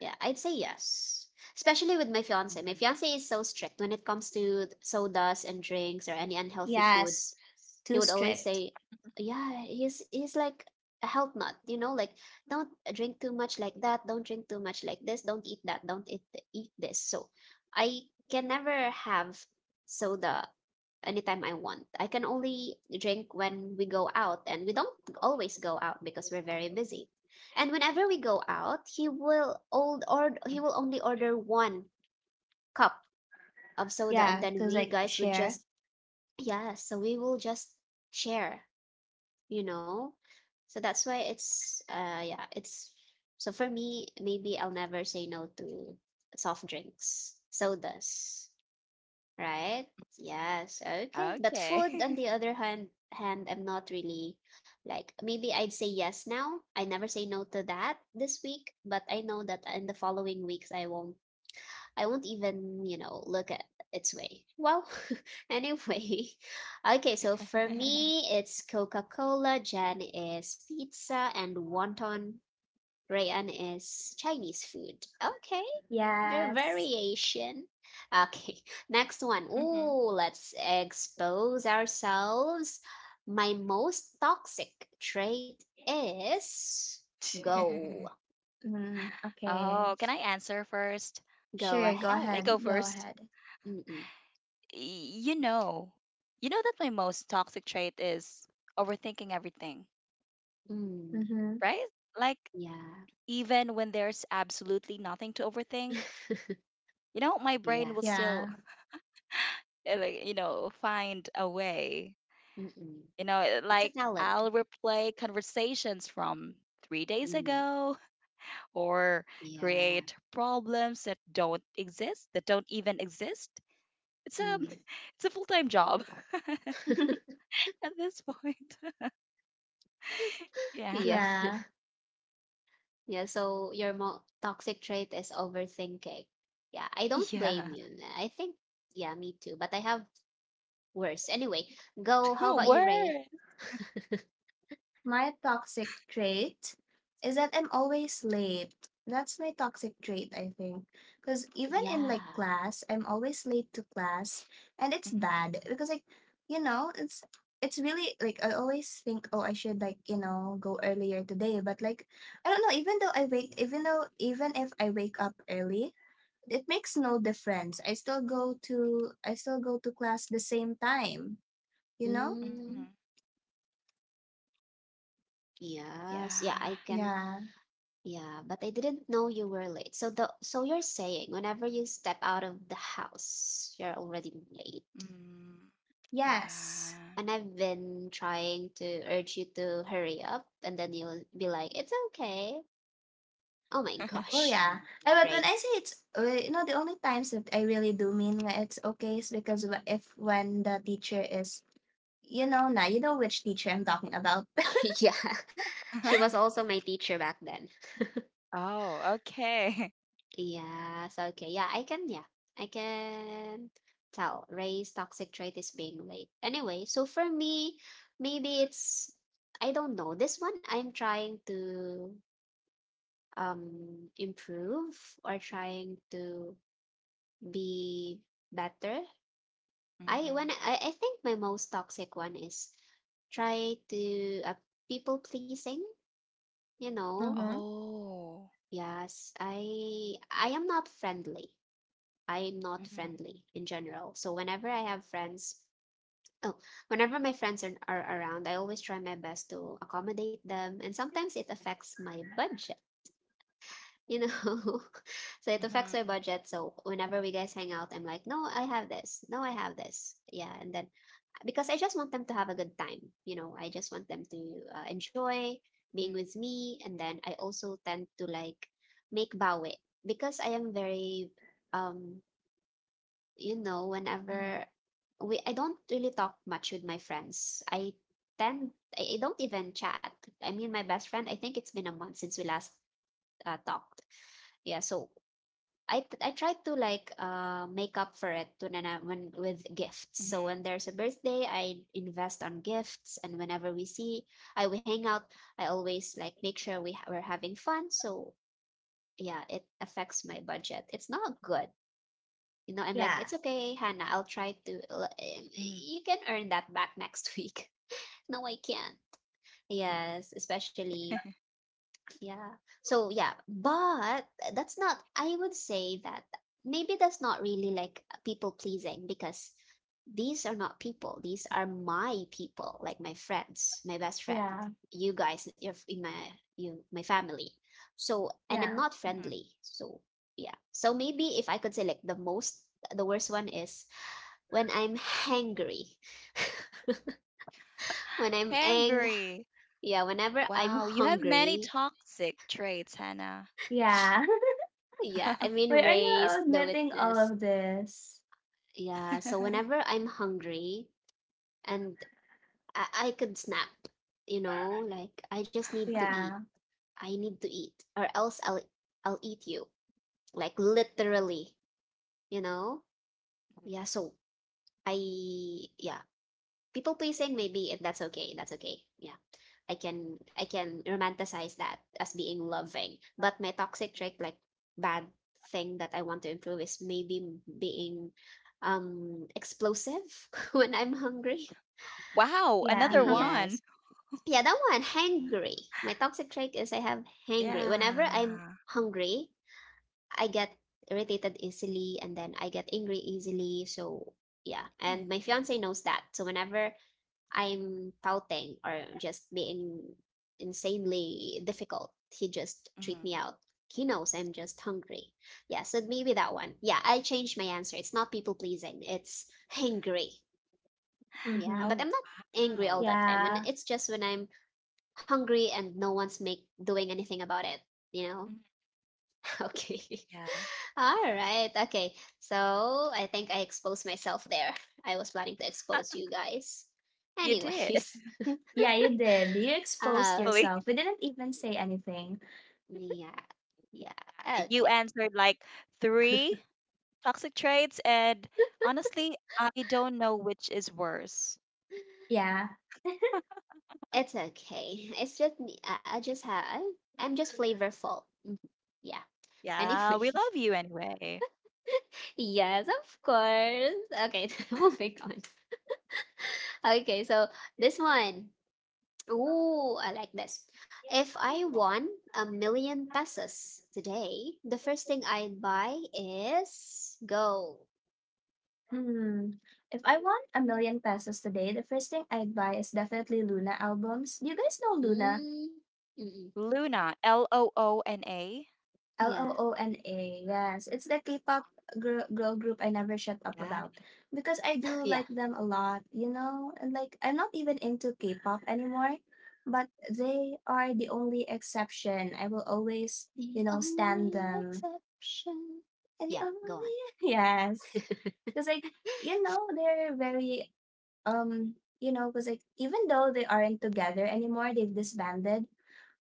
Speaker 1: yeah, I'd say yes. Especially with my fiance. My fiance is so strict when it comes to sodas and drinks or any unhealthy food.
Speaker 3: Yes.
Speaker 1: He
Speaker 3: Too
Speaker 1: would always
Speaker 3: strict.
Speaker 1: say, "Yeah, he's like a health nut, you know, like don't drink too much like that, don't drink too much like this, don't eat that, don't eat eat this." So, I can never have soda anytime I want. I can only drink when we go out, and we don't always go out because we're very busy. And whenever we go out, he will only order one cup of soda, and
Speaker 3: Yeah,
Speaker 1: then
Speaker 3: because
Speaker 1: we
Speaker 3: like,
Speaker 1: guys would
Speaker 3: share.
Speaker 1: just yeah. So we will just share, you know. So that's why it's yeah it's so for me maybe I'll never say no to soft drinks, sodas, right?
Speaker 2: Mm-hmm.
Speaker 1: Yes,
Speaker 2: Okay.
Speaker 1: okay. But food, on the other hand, hand I'm not really like maybe I'd say yes now. I never say no to that this week, but I know that in the following weeks I won't even, you know, look at its way. Well, (laughs) anyway. Okay, so
Speaker 2: (laughs)
Speaker 1: for me it's Coca-Cola, Jan is pizza and wonton, Rayan is Chinese food. Okay. Their
Speaker 3: Yes.
Speaker 1: variation. Okay, (laughs) next one.
Speaker 2: Mm-hmm.
Speaker 1: Ooh, let's expose ourselves. My most toxic trait is
Speaker 2: (laughs)
Speaker 1: go.
Speaker 3: Mm,
Speaker 2: Oh,
Speaker 3: okay.
Speaker 2: can I answer first?
Speaker 1: Go
Speaker 3: Sure. Go
Speaker 2: Can
Speaker 1: ahead.
Speaker 2: I go
Speaker 3: ahead. Go
Speaker 2: first?
Speaker 3: ahead.
Speaker 1: Mm-mm.
Speaker 2: you know, you know that my most toxic trait is overthinking everything,
Speaker 1: Mm.
Speaker 3: Mm-hmm.
Speaker 2: right? Like
Speaker 1: Yeah.
Speaker 2: even when there's absolutely nothing to overthink,
Speaker 1: (laughs)
Speaker 2: you know, my
Speaker 1: Yeah.
Speaker 2: brain will still,
Speaker 3: Yeah.
Speaker 2: like, you know, find a way.
Speaker 1: Mm-mm.
Speaker 2: You know,
Speaker 1: It's a
Speaker 2: like
Speaker 1: talent.
Speaker 2: I'll replay conversations from 3 days
Speaker 1: Mm.
Speaker 2: ago or
Speaker 1: Yeah.
Speaker 2: create problems that don't exist, that don't even exist. It's a
Speaker 1: Mm.
Speaker 2: full time job
Speaker 1: (laughs)
Speaker 2: (laughs) at this point. (laughs) Yeah.
Speaker 1: Yeah.
Speaker 3: (laughs)
Speaker 1: (laughs)
Speaker 3: yeah.
Speaker 1: Yeah. So your toxic trait is overthinking. Yeah. I don't
Speaker 2: Yeah.
Speaker 1: blame you. I think yeah, me too. But I have worse. Anyway,
Speaker 2: (laughs)
Speaker 1: go. How
Speaker 2: Two
Speaker 1: about you, Ray?
Speaker 2: words.
Speaker 1: (laughs)
Speaker 3: My toxic trait is that I'm always late. That's my toxic trait, I think. Because even in
Speaker 1: Yeah.
Speaker 3: like class, I'm always late to class, and it's
Speaker 2: Mhm,
Speaker 3: bad because like, you know, it's it's really like I always think, oh, I should like go earlier today, but like I don't know. Even if I wake up early, it makes no difference. I still go to class the same time. You know?
Speaker 2: mhm.
Speaker 1: Mm,
Speaker 2: Yeah.
Speaker 1: yes. Yeah, I can.
Speaker 3: Yeah.
Speaker 1: Yeah, but I didn't know you were late. So the so you're saying whenever you step out of the house, you're already late.
Speaker 2: Mm,
Speaker 3: Yes.
Speaker 2: yeah.
Speaker 1: And I've been trying to urge you to hurry up, and then you'll be like, "It's okay." Oh my
Speaker 3: Oh
Speaker 2: (laughs)
Speaker 1: gosh,
Speaker 3: yeah. Eh, but when
Speaker 1: Ray.
Speaker 3: I say it's, the only times that I really do mean when it's okay is because if when the teacher is, now you know which teacher I'm talking about.
Speaker 1: (laughs) Yeah. She was
Speaker 2: (laughs)
Speaker 1: also my teacher back then.
Speaker 2: Oh, okay. (laughs)
Speaker 1: Yes, okay. Yeah. I can tell. Ray's toxic trait is being late. Anyway, so for me, maybe it's I don't know. This one I'm trying to improve or trying to be better.
Speaker 2: Mhm.
Speaker 1: I think my most toxic one is try to people pleasing, you know.
Speaker 2: Oh.
Speaker 1: Yes, I am not friendly. I'm not
Speaker 2: Mhm,
Speaker 1: friendly in general. So whenever I have friends, oh, whenever my friends are around, I always try my best to accommodate them. And sometimes it affects my budget, you know? (laughs) So it affects
Speaker 2: mhm,
Speaker 1: my budget. So whenever we guys hang out, I'm like, no, I have this. No, I have this. Yeah. And then because I just want them to have a good time, I just want them to enjoy
Speaker 2: mm,
Speaker 1: being with me. And then I also tend to like make bawi because I am very um
Speaker 2: mhm,
Speaker 1: whenever we I don't really talk much with my friends. Tend I don't even chat. I mean, my best friend. I think it's been a month since we last talked. Yeah, so I try to like make up for it
Speaker 2: mhm,
Speaker 1: to nana when with gifts. So when there's a birthday, I invest on gifts, and whenever we see, I we hang out. I always like make sure we're having fun. So yeah, it affects my budget. It's not good,
Speaker 3: (laughs)
Speaker 1: I'm like,
Speaker 3: yeah,
Speaker 1: it's okay, Hannah. I'll
Speaker 2: mhm,
Speaker 1: try to. You can earn that back next (laughs) week. No, I can't.
Speaker 2: mhm,
Speaker 1: Yes, especially, yeah. So yeah, but that's not I would say that maybe that's not really like people pleasing, because these are not people. These are my people, like my friends, my best friend,
Speaker 3: yeah,
Speaker 1: you guys, your in my you my family. So and
Speaker 2: mhm.
Speaker 1: I'm
Speaker 3: yeah,
Speaker 1: not friendly. So yeah. So maybe if I could say like the worst one is when I'm hangry. (laughs)
Speaker 2: (laughs)
Speaker 1: when I'm ang
Speaker 2: Hangry.
Speaker 1: Yeah, whenever
Speaker 2: Wow,
Speaker 1: I'm
Speaker 2: you have many
Speaker 1: hungry.
Speaker 2: toxic traits, Hannah.
Speaker 3: yeah. (laughs)
Speaker 1: Yeah, I mean,
Speaker 2: (laughs)
Speaker 3: Why are you
Speaker 1: raised the
Speaker 3: admitting all
Speaker 1: witness.
Speaker 3: of this?
Speaker 1: Yeah, so whenever I'm hungry and I could snap, like I just need to eat.
Speaker 3: Yeah,
Speaker 1: I need to eat, or else I'll eat you. Like literally, you know? Yeah, so I yeah, people pleasing maybe, and that's okay, that's okay. Yeah, I can romanticize that as being loving, but my toxic trick, like bad thing that I want to improve, is maybe being explosive (laughs) when I'm hungry.
Speaker 2: Wow, another
Speaker 3: yeah. (laughs)
Speaker 2: one.
Speaker 1: Yes. Yeah, that one, hangry. My toxic trait is I have hangry whenever I'm
Speaker 2: Yeah.
Speaker 1: hungry. I get irritated easily, and then I get angry easily. So yeah, and my
Speaker 2: Mhm,
Speaker 1: fiance knows that. So whenever I'm pouting or just being insanely difficult, he just treat me
Speaker 2: mhm.
Speaker 1: out. He knows I'm just hungry. Yeah, so maybe that one. Yeah, I changed my answer. It's not people pleasing. It's hangry. Yeah,
Speaker 3: mm-hmm.
Speaker 1: but I'm
Speaker 2: Oh,
Speaker 1: not angry all
Speaker 2: wow.
Speaker 1: that time. And
Speaker 3: Yeah,
Speaker 1: it's just when I'm hungry and no one's make doing anything about it. You know? (laughs)
Speaker 2: Mhm,
Speaker 1: Okay.
Speaker 2: yeah.
Speaker 1: (laughs) All right. Okay. So I think I exposed myself there. I was planning to expose you guys.
Speaker 2: You did. (laughs)
Speaker 1: Anyways.
Speaker 3: yeah. You did. You
Speaker 1: (laughs)
Speaker 3: exposed
Speaker 1: Uh,
Speaker 2: Believe.
Speaker 3: yourself. We didn't even say anything.
Speaker 1: Yeah, yeah.
Speaker 2: You
Speaker 1: Okay,
Speaker 2: answered like three toxic traits, and honestly, I don't know which is worse.
Speaker 3: Yeah.
Speaker 1: okay. It's just I'm just flavorful. Yeah.
Speaker 2: Yeah, we
Speaker 1: Anyway,
Speaker 2: love you anyway.
Speaker 1: (laughs) yes, of course. Okay, (laughs) moving on. Okay, so this one. Ooh, I like this. If I won a million pesos today, the first thing I'd buy is gold.
Speaker 3: Hmm. If I won 1 million pesos today, the first thing I'd buy is definitely Luna albums. Do you guys know Luna?
Speaker 1: Mm, mm,
Speaker 2: Luna, LOONA.
Speaker 3: L O
Speaker 1: yeah.
Speaker 3: O N A. Yes, it's the K-pop girl group I never shut up
Speaker 2: Yeah,
Speaker 3: about because I
Speaker 1: (laughs)
Speaker 3: do
Speaker 1: Yeah.
Speaker 3: like them a lot. And like, I'm not even into K-pop anymore, but they are the only exception. I will always
Speaker 1: The
Speaker 3: stand
Speaker 1: only
Speaker 3: them.
Speaker 1: exception.
Speaker 3: And the
Speaker 1: Yeah,
Speaker 3: only
Speaker 1: go on.
Speaker 3: (laughs) yes,
Speaker 1: (laughs)
Speaker 3: because like they're very um because like, even though they aren't together anymore, they've disbanded.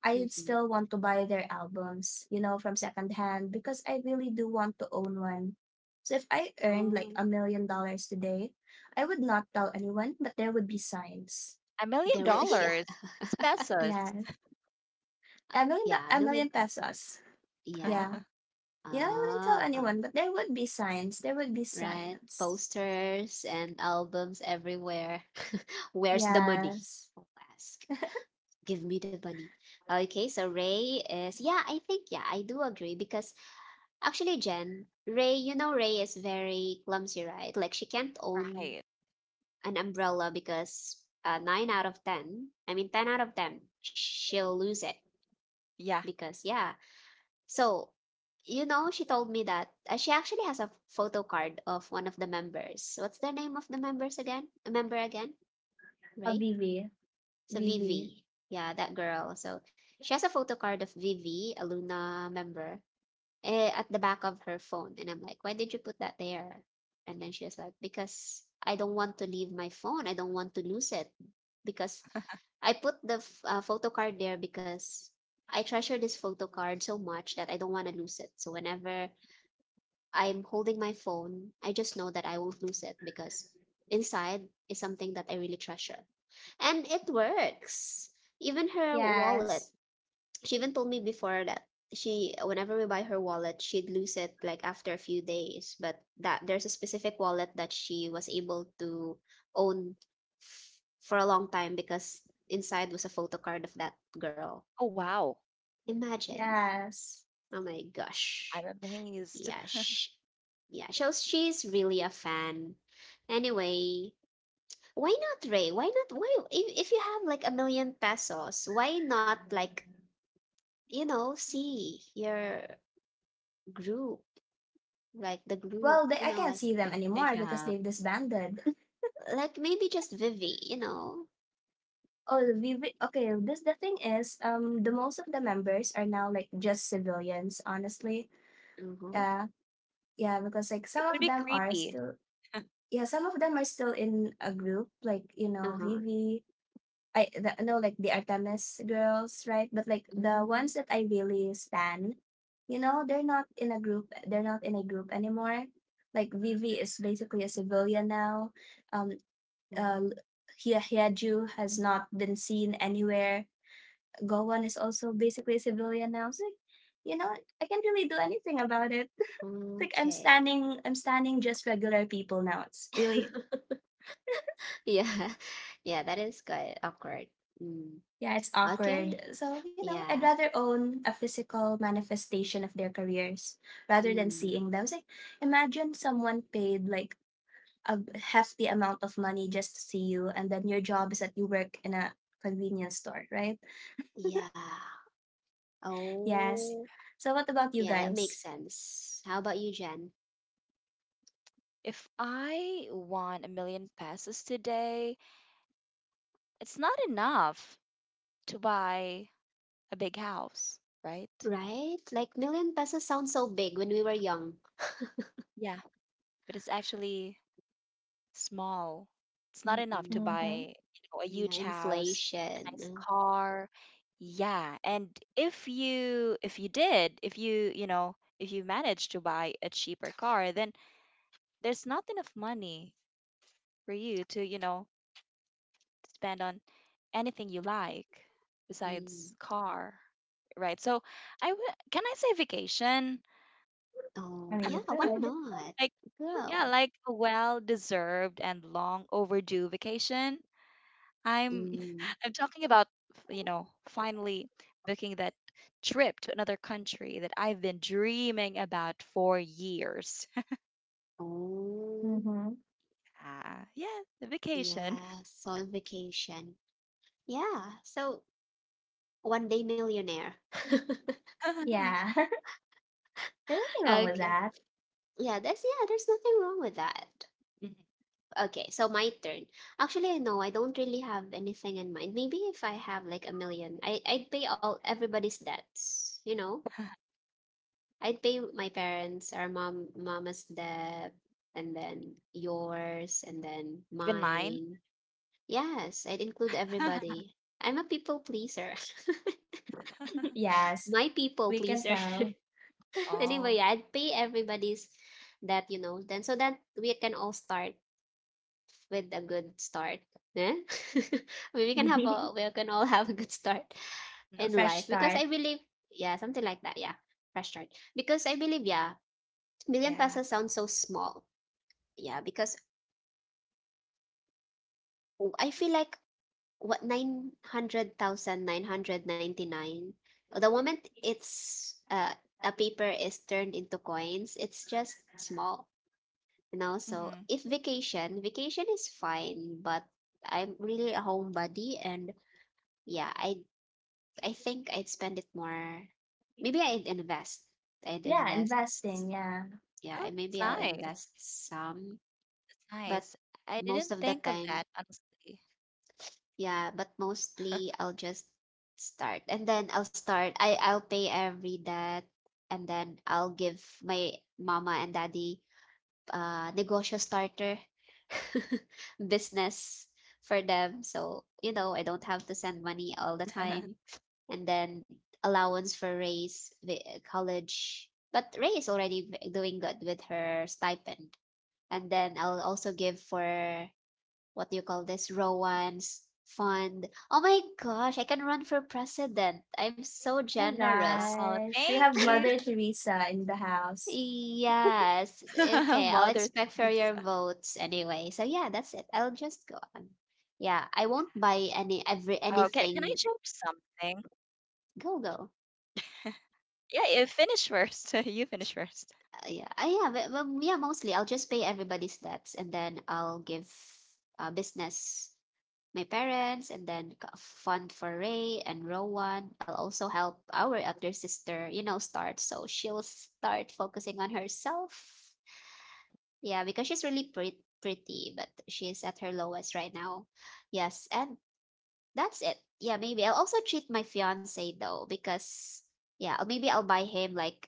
Speaker 3: I
Speaker 1: Mhm.
Speaker 3: still want to buy their albums, from secondhand, because I really do want to own one. So if I earned like
Speaker 1: Oh,
Speaker 3: $1 million today, I would not tell anyone, but there would be signs.
Speaker 2: a million
Speaker 1: there will. (laughs) Yeah.
Speaker 2: dollars. It's
Speaker 1: (laughs)
Speaker 2: pesos.
Speaker 3: Yeah,
Speaker 1: Yeah, a
Speaker 3: a
Speaker 1: million
Speaker 3: million
Speaker 1: times.
Speaker 3: pesos Yeah,
Speaker 1: Yeah.
Speaker 2: (laughs)
Speaker 3: yeah, I wouldn't tell
Speaker 1: Ah,
Speaker 3: anyone, but there would be signs, there would be
Speaker 1: right.
Speaker 3: signs.
Speaker 1: Posters and albums everywhere. (laughs) Where's the money?
Speaker 3: Yes,
Speaker 1: I'll ask. Give me the money. Okay, so I think, yeah, I do agree, because actually, Jen, Ray, you know Ray is very clumsy, right? Like she can't own
Speaker 2: Right.
Speaker 1: an umbrella because 9 out of 10, I mean 10 out of 10, she'll lose it
Speaker 2: Yeah.
Speaker 1: because, yeah. So, she told me that she actually has a photo card of one of the members. What's the name of the members again? A member again,
Speaker 3: a
Speaker 1: right? So
Speaker 3: Vivi.
Speaker 1: Vivi. Yeah, that girl. So she has a photo card of Vivi, a Luna member. At the back of her phone, and I'm like, "Why did you put that there?" And then she was like, "Because I don't want to leave my phone. I don't want to lose it because I put the photo card there because I treasure this photo card so much that I don't want to lose it. So whenever I'm holding my phone, I just know that I won't lose it because inside is something that I really treasure." And it works. Even her wallet,
Speaker 3: Yes.
Speaker 1: she even told me before that she whenever we buy her wallet, she'd lose it like after a few days. But that there's a specific wallet that she was able to own for a long time because inside was a photo card of that girl.
Speaker 2: Oh, wow.
Speaker 1: Imagine.
Speaker 3: Yes.
Speaker 1: Oh my gosh.
Speaker 2: I'm amazed.
Speaker 1: Yeah, yeah. So she's really a fan. Anyway, why not Ray? Why not? Why, if you have like a million pesos, why not, like, see your group, like the group,
Speaker 3: Well, they
Speaker 1: you
Speaker 3: I
Speaker 1: know,
Speaker 3: can't see
Speaker 2: (laughs)
Speaker 3: them anymore
Speaker 2: Yeah.
Speaker 3: because they've disbanded.
Speaker 1: maybe just Vivi.
Speaker 3: Oh, we okay. This the thing is, the most of the members are now like just civilians. Honestly,
Speaker 1: Mm-hmm.
Speaker 3: yeah, yeah, because like
Speaker 2: It
Speaker 3: some
Speaker 2: would
Speaker 3: of
Speaker 2: be
Speaker 3: them are
Speaker 2: creepy.
Speaker 3: still, yeah, some of them are still in a group, like,
Speaker 1: Uh-huh.
Speaker 3: Vivi. No, like the Artemis girls, right? But like the
Speaker 1: Mm,
Speaker 3: ones that I really stan they're not in a group. They're not in a group anymore. Like, Vivi is basically a civilian now. Um, uh,
Speaker 1: mm.
Speaker 3: Hyaju has not been seen anywhere. Gowon is also basically a civilian now. It's like, you know, I can't really do anything about it. It's like I'm
Speaker 1: Okay.
Speaker 3: standing, I'm standing just regular people now. It's really,
Speaker 1: (laughs) Yeah. Yeah, that is quite awkward. Mm.
Speaker 3: yeah, it's
Speaker 1: Okay.
Speaker 3: awkward. So, I'd
Speaker 1: Yeah.
Speaker 3: rather own a physical manifestation of their careers rather than
Speaker 1: Mm.
Speaker 3: seeing them. It's like, imagine someone paid like a hefty amount of money just to see you, and then your job is that you work in a convenience store, right?
Speaker 1: Yeah.
Speaker 3: Yes.
Speaker 1: Oh,
Speaker 3: So what about you
Speaker 1: yeah, that
Speaker 3: guys?
Speaker 1: makes sense. How about you, Jen?
Speaker 2: If I won 1 million pesos today, it's not enough to buy a big house, right?
Speaker 1: Right? Like, million pesos sounds so big when we were young.
Speaker 2: Yeah, but it's actually small. It's not enough to
Speaker 1: Mm-mm.
Speaker 3: Mm-hmm.
Speaker 2: buy, you know, a
Speaker 1: Yeah,
Speaker 2: huge house, a
Speaker 1: inflation.
Speaker 2: nice
Speaker 1: uh,
Speaker 2: car. Yeah, and if you did, if you, you know, if you managed to buy a cheaper car, then there's not enough money for you to, you know, spend on anything you like
Speaker 1: Mm.
Speaker 2: besides car, right? So I w- can I say vacation?
Speaker 3: I
Speaker 1: Oh,
Speaker 3: mean, you
Speaker 1: yeah, why
Speaker 3: could.
Speaker 1: not?
Speaker 2: Like. Yeah,
Speaker 1: Go.
Speaker 2: like a well-deserved and long overdue vacation. I'm (laughs) I'm talking about, you know, finally booking that trip to another country that I've been dreaming about for years. (laughs)
Speaker 1: Oh,
Speaker 3: Mm-hmm.
Speaker 2: Ah, yeah, the vacation.
Speaker 1: yeah, soul vacation. Yeah, so one day millionaire. (laughs)
Speaker 2: (laughs)
Speaker 3: Yeah. (laughs) There's nothing wrong with
Speaker 1: Okay.
Speaker 3: that.
Speaker 1: Yeah, there's nothing wrong with that.
Speaker 2: Mhm.
Speaker 1: Okay, so my turn. Actually, no, I don't really have anything in mind. Maybe if I have like a million, I'd pay all everybody's debts? I'd pay my parents or mom mama's debt, and then yours, and then
Speaker 2: Even mine.
Speaker 1: mine. Yes, I'd include everybody. I'm a people pleaser. (laughs)
Speaker 3: (laughs)
Speaker 2: (laughs)
Speaker 3: yes.
Speaker 1: My people
Speaker 3: We can
Speaker 1: pleaser.
Speaker 3: tell.
Speaker 1: (laughs) Anyway,
Speaker 2: Oh,
Speaker 1: yeah, I'd pay everybody's that you know then so that we can all start with a good start. Yeah? (laughs) I mean,
Speaker 3: (laughs)
Speaker 1: we can all have a good start
Speaker 2: mm,
Speaker 1: in
Speaker 3: A
Speaker 1: life,
Speaker 3: fresh
Speaker 1: because I
Speaker 3: start.
Speaker 1: believe, yeah, something like that. Yeah, fresh start. Because I believe, yeah,
Speaker 2: yeah.
Speaker 1: million pesos sounds so small. Yeah, because I feel like, what, 900,999, the moment it's a paper is turned into coins, it's just small, so
Speaker 2: Hmm.
Speaker 1: if vacation is fine. But I'm really a homebody, and yeah, I think I'd spend it more. Maybe i'd invest i'd
Speaker 3: Yeah,
Speaker 1: invest
Speaker 3: investing. Yeah.
Speaker 1: Yeah,
Speaker 2: Oh, it's
Speaker 1: maybe I'll
Speaker 2: nice.
Speaker 1: invest some.
Speaker 2: It's
Speaker 1: But
Speaker 2: nice. I
Speaker 1: most
Speaker 2: didn't
Speaker 1: of the
Speaker 2: think of
Speaker 1: time,
Speaker 2: that, honestly.
Speaker 1: yeah, but mostly, I'll just start and then I'll start. I'll pay every debt, and then I'll give my mama and daddy negosyo starter (laughs) business for them. So, I don't
Speaker 2: (laughs)
Speaker 1: have to send money all the time. And then allowance for raise, the college. But Ray is already doing good with her stipend. And then I'll also give for, what do you call this, Rowan's fund. Oh my gosh, I can run for president. I'm so
Speaker 2: Wow,
Speaker 3: My
Speaker 2: thank you.
Speaker 1: generous.
Speaker 3: gosh. We have Mother Teresa in the house.
Speaker 2: (laughs)
Speaker 1: Yes.
Speaker 2: Mother
Speaker 1: Okay, I'll
Speaker 2: Teresa.
Speaker 1: expect for your votes anyway. So yeah, that's it. I'll just go on. Yeah, I won't buy
Speaker 2: Oh, can I share
Speaker 1: anything.
Speaker 2: something?
Speaker 1: Go go.
Speaker 2: (laughs) Yeah, you finish first. (laughs) You finish first.
Speaker 1: Yeah, yeah, yeah. Mostly, I'll just pay everybody's debts, and then I'll give business my parents, and then fund for Ray and Rowan. I'll also help our elder sister, start, so she'll start focusing on herself. Yeah, because she's really pretty pretty, but she's at her lowest right now. Yes, and that's it. Yeah, maybe I'll also treat my fiance, though, because, yeah, or maybe I'll buy him like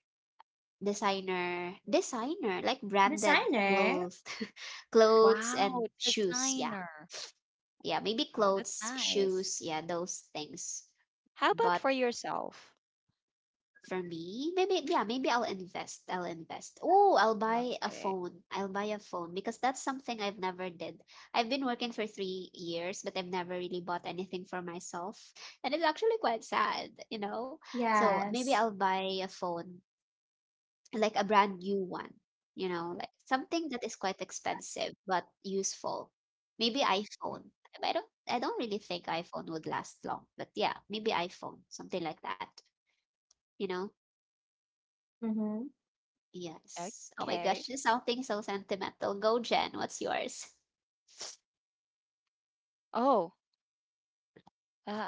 Speaker 1: designer designer like branded
Speaker 3: Designer.
Speaker 1: clothes (laughs) clothes
Speaker 2: Wow,
Speaker 1: and shoes, yeah.
Speaker 2: designer.
Speaker 1: Yeah, maybe
Speaker 2: Oh, that's
Speaker 1: clothes,
Speaker 2: nice.
Speaker 1: shoes, yeah, those things.
Speaker 2: How about
Speaker 1: But
Speaker 2: for yourself?
Speaker 1: for me, maybe, yeah, maybe I'll invest. I'll invest. Oh, I'll buy a
Speaker 2: Okay.
Speaker 1: phone. I'll buy a phone because that's something I've never did. I've been working for 3 years, but I've never really bought anything for myself, and it's actually quite sad. So maybe
Speaker 2: (laughs)
Speaker 3: Yes.
Speaker 1: I'll buy a phone like a brand new one, like something that is quite expensive but useful. Maybe iPhone. I don't really think iPhone would last long, but yeah, maybe iPhone, something like that, you know?
Speaker 3: Mm-hmm.
Speaker 1: Yes. Oh my
Speaker 2: Okay.
Speaker 1: gosh, this is something so sentimental. Go, Jen, what's yours?
Speaker 2: Oh, uh,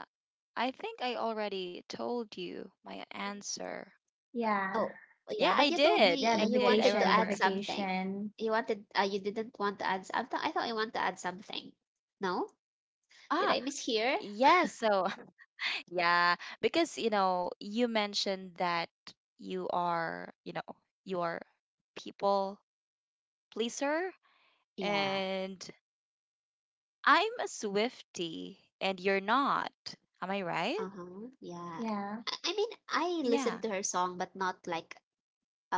Speaker 2: I think I already told you my answer.
Speaker 3: Yeah.
Speaker 1: Oh, yeah,
Speaker 2: Yeah,
Speaker 1: but
Speaker 2: I
Speaker 1: you told me
Speaker 2: did.
Speaker 3: Yeah, the
Speaker 2: I
Speaker 1: you
Speaker 2: did. I
Speaker 1: wanted to
Speaker 3: vacation. The
Speaker 1: add
Speaker 2: remember.
Speaker 1: something.
Speaker 3: vacation.
Speaker 1: You wanted you didn't want to add I thought, you want to add something. No? Did
Speaker 2: Ah,
Speaker 1: I mishear?
Speaker 2: yes. So. (laughs) Yeah, because you know, you mentioned that you are, you know, you are people pleaser
Speaker 1: Yeah.
Speaker 2: and I'm a Swifty and you're not. Am I right?
Speaker 1: Uh-huh. Yeah.
Speaker 3: Yeah.
Speaker 1: I mean, I listened
Speaker 2: Yeah.
Speaker 1: to her song, but not like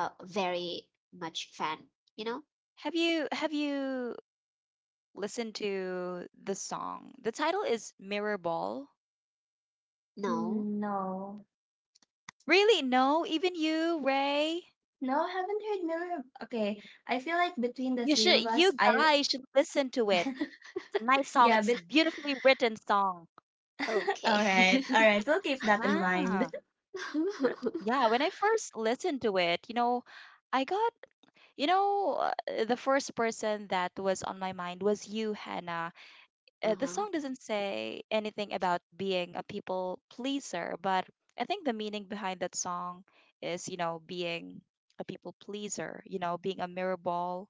Speaker 1: a very much fan, you know?
Speaker 2: Have you listened to the song? The title is Mirror Ball.
Speaker 1: No.
Speaker 3: Mm, no.
Speaker 2: Really? No, even you, Ray.
Speaker 3: No, I haven't heard Mirror. Okay. I feel like between the three of us,
Speaker 2: You
Speaker 3: I
Speaker 2: guys should listen to it. It's a nice song.
Speaker 3: yeah,
Speaker 2: It's
Speaker 3: but
Speaker 2: a beautifully written song.
Speaker 3: (laughs) all
Speaker 1: Okay.
Speaker 3: right. All right. We'll keep that in mind.
Speaker 2: Wow.
Speaker 1: (laughs)
Speaker 2: Yeah, when I first listened to it, you know, I got, you know, the first person that was on my mind was you, Hannah. The
Speaker 1: Uh-huh.
Speaker 2: song doesn't say anything about being a people pleaser, but I think the meaning behind that song is, you know, being a people pleaser, you know, being a mirror ball,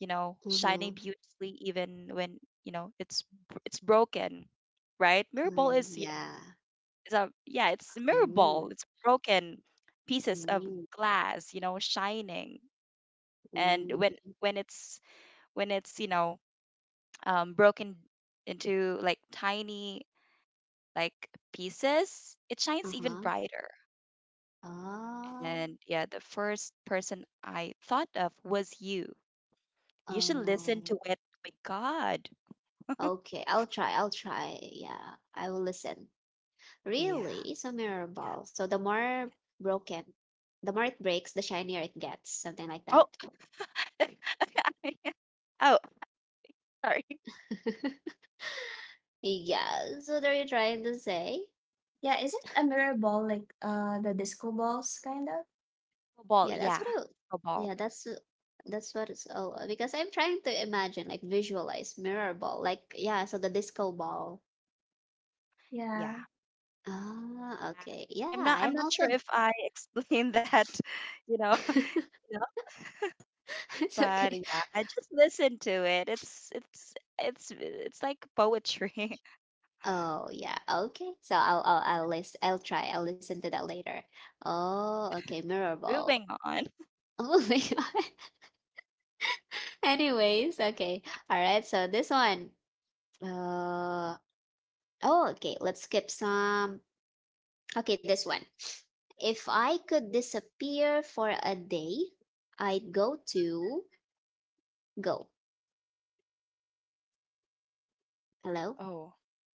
Speaker 2: you know, shining
Speaker 1: Uh-huh.
Speaker 2: beautifully even when, you know, it's br- it's broken, right? Mirror ball
Speaker 1: Mm,
Speaker 2: is,
Speaker 1: yeah.
Speaker 2: it's a yeah, it's a mirror
Speaker 1: Mm,
Speaker 2: ball. It's broken pieces of
Speaker 1: mm,
Speaker 2: glass, you know, shining. And when
Speaker 1: mm.
Speaker 2: when it's when it's broken into like tiny like pieces, it shines even
Speaker 1: Uh-huh.
Speaker 2: brighter.
Speaker 1: Oh.
Speaker 2: And yeah, the first person I thought of was you. You should listen
Speaker 1: Oh.
Speaker 2: to it. Oh my God.
Speaker 1: Okay. I'll try. I'll try. Yeah. I will listen.
Speaker 2: Yeah.
Speaker 1: Really? So memorable. So the more broken, the more it breaks, the shinier it gets. Something like
Speaker 2: Oh.
Speaker 1: that.
Speaker 2: (laughs) Oh, sorry.
Speaker 1: (laughs) Yeah, so what are you trying to say?
Speaker 3: (laughs) yeah, is it a mirror ball like the disco balls kind of?
Speaker 2: Snowball.
Speaker 1: Yeah, that's
Speaker 2: Yeah.
Speaker 1: what I. w-
Speaker 2: Snowball.
Speaker 1: Yeah, that's what it's. Oh, because I'm trying to imagine, like visualize mirror ball, like yeah, so the disco ball.
Speaker 3: Yeah.
Speaker 2: Yeah.
Speaker 1: Ah, okay. Yeah, I'm
Speaker 2: I'm not sure
Speaker 1: also.
Speaker 2: if I explained (laughs) that, you know, (laughs)
Speaker 1: (laughs)
Speaker 2: enough,
Speaker 1: It's
Speaker 2: but
Speaker 1: okay.
Speaker 2: yeah, I just listen to it. It's it's like poetry.
Speaker 1: Oh yeah, okay. So I'll
Speaker 2: (laughs)
Speaker 1: I'll I'll list. I'll try. I'll listen to that later. Oh, okay. Mirror ball. (laughs)
Speaker 2: Moving on.
Speaker 1: Oh my God. Anyways, okay. All right. So this one. Uh. Oh, okay. Let's skip some. Okay, this one. If I could disappear for a day, I'd go to go. Hello?
Speaker 2: Oh,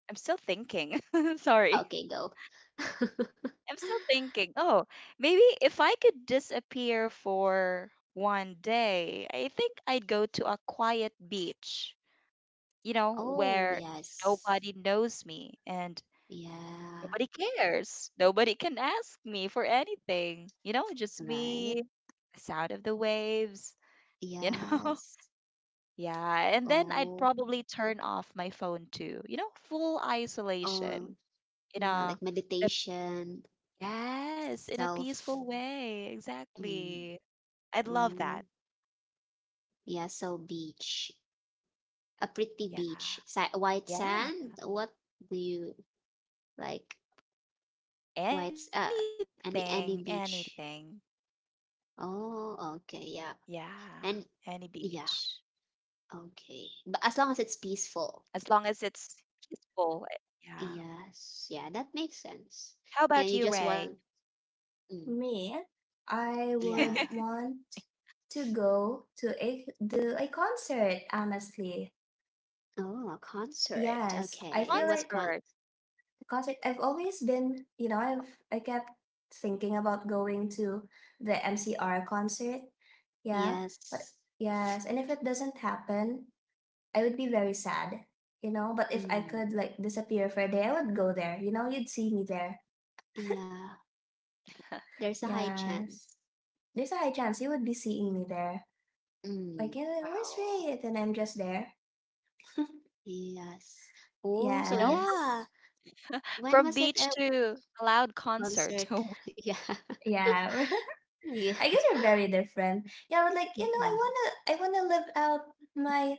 Speaker 2: I'm still thinking. (laughs) Sorry.
Speaker 1: Okay, go. (laughs)
Speaker 2: I'm still thinking. Oh, maybe if I could disappear for one day, I think I'd go to a quiet beach, you know,
Speaker 1: Oh,
Speaker 2: where
Speaker 1: yes.
Speaker 2: nobody knows me and
Speaker 1: Yeah,
Speaker 2: nobody cares. Nobody can ask me for anything. You know, just
Speaker 1: right.
Speaker 2: me, the sound of the waves, you know? (laughs)
Speaker 1: Yes.
Speaker 2: Yeah. And then I'd
Speaker 1: Oh,
Speaker 2: probably turn off my phone too. You know, full
Speaker 1: oh,
Speaker 2: isolation in
Speaker 1: yeah, like
Speaker 2: a, in a
Speaker 1: meditation,
Speaker 2: yes, in a
Speaker 1: self.
Speaker 2: peaceful way.
Speaker 1: Mm,
Speaker 2: Exactly. I'd love
Speaker 1: mm.
Speaker 2: that.
Speaker 1: Yeah, so beach. A pretty
Speaker 2: Yeah.
Speaker 1: beach. White
Speaker 2: Yeah.
Speaker 1: sand. What do you like? White's
Speaker 2: Anything,
Speaker 1: any
Speaker 2: anything.
Speaker 1: beach. Oh, okay,
Speaker 2: Yeah.
Speaker 1: yeah.
Speaker 2: Any
Speaker 1: And
Speaker 2: beach.
Speaker 1: yeah, okay. But as long as it's
Speaker 2: As long as
Speaker 1: peaceful.
Speaker 2: it's peaceful. Eh, yeah.
Speaker 1: Yes. Yeah, that makes
Speaker 2: How
Speaker 1: sense.
Speaker 2: about you,
Speaker 1: Yeah, you
Speaker 2: Ray?
Speaker 1: just want, mm,
Speaker 3: Me, I
Speaker 2: (laughs)
Speaker 3: would
Speaker 1: yeah.
Speaker 3: want to go to a concert, honestly.
Speaker 1: Oh, a concert.
Speaker 3: Yes. I
Speaker 1: Okay.
Speaker 3: feel like,
Speaker 1: What
Speaker 2: Concert.
Speaker 1: con
Speaker 3: because I've always been, I kept thinking about going to the MCR concert. Yeah. But
Speaker 1: Yes.
Speaker 3: yes, and if it doesn't happen, I would be very sad. But if I
Speaker 1: Mm,
Speaker 3: could like disappear for a day, I would go there. You'd see me there.
Speaker 1: yeah. There's a high
Speaker 3: Yes.
Speaker 1: chance.
Speaker 3: There's a high chance you would be seeing me there. Like,
Speaker 1: Mm,
Speaker 3: you "Yeah, where's
Speaker 2: Wow.
Speaker 3: Ray? And I'm just there. (laughs)
Speaker 1: yes. Oh,
Speaker 2: You
Speaker 1: so
Speaker 2: know, from,
Speaker 1: yeah.
Speaker 3: Yes.
Speaker 1: When was it
Speaker 2: beach
Speaker 1: a
Speaker 2: to a loud concert.
Speaker 1: concert?
Speaker 2: (laughs)
Speaker 1: (laughs) Yeah.
Speaker 3: Yeah. (laughs)
Speaker 1: Yeah.
Speaker 3: I guess we're very different. Yeah, but like, you know, I
Speaker 1: Mhm.
Speaker 3: wanna I wanna live out my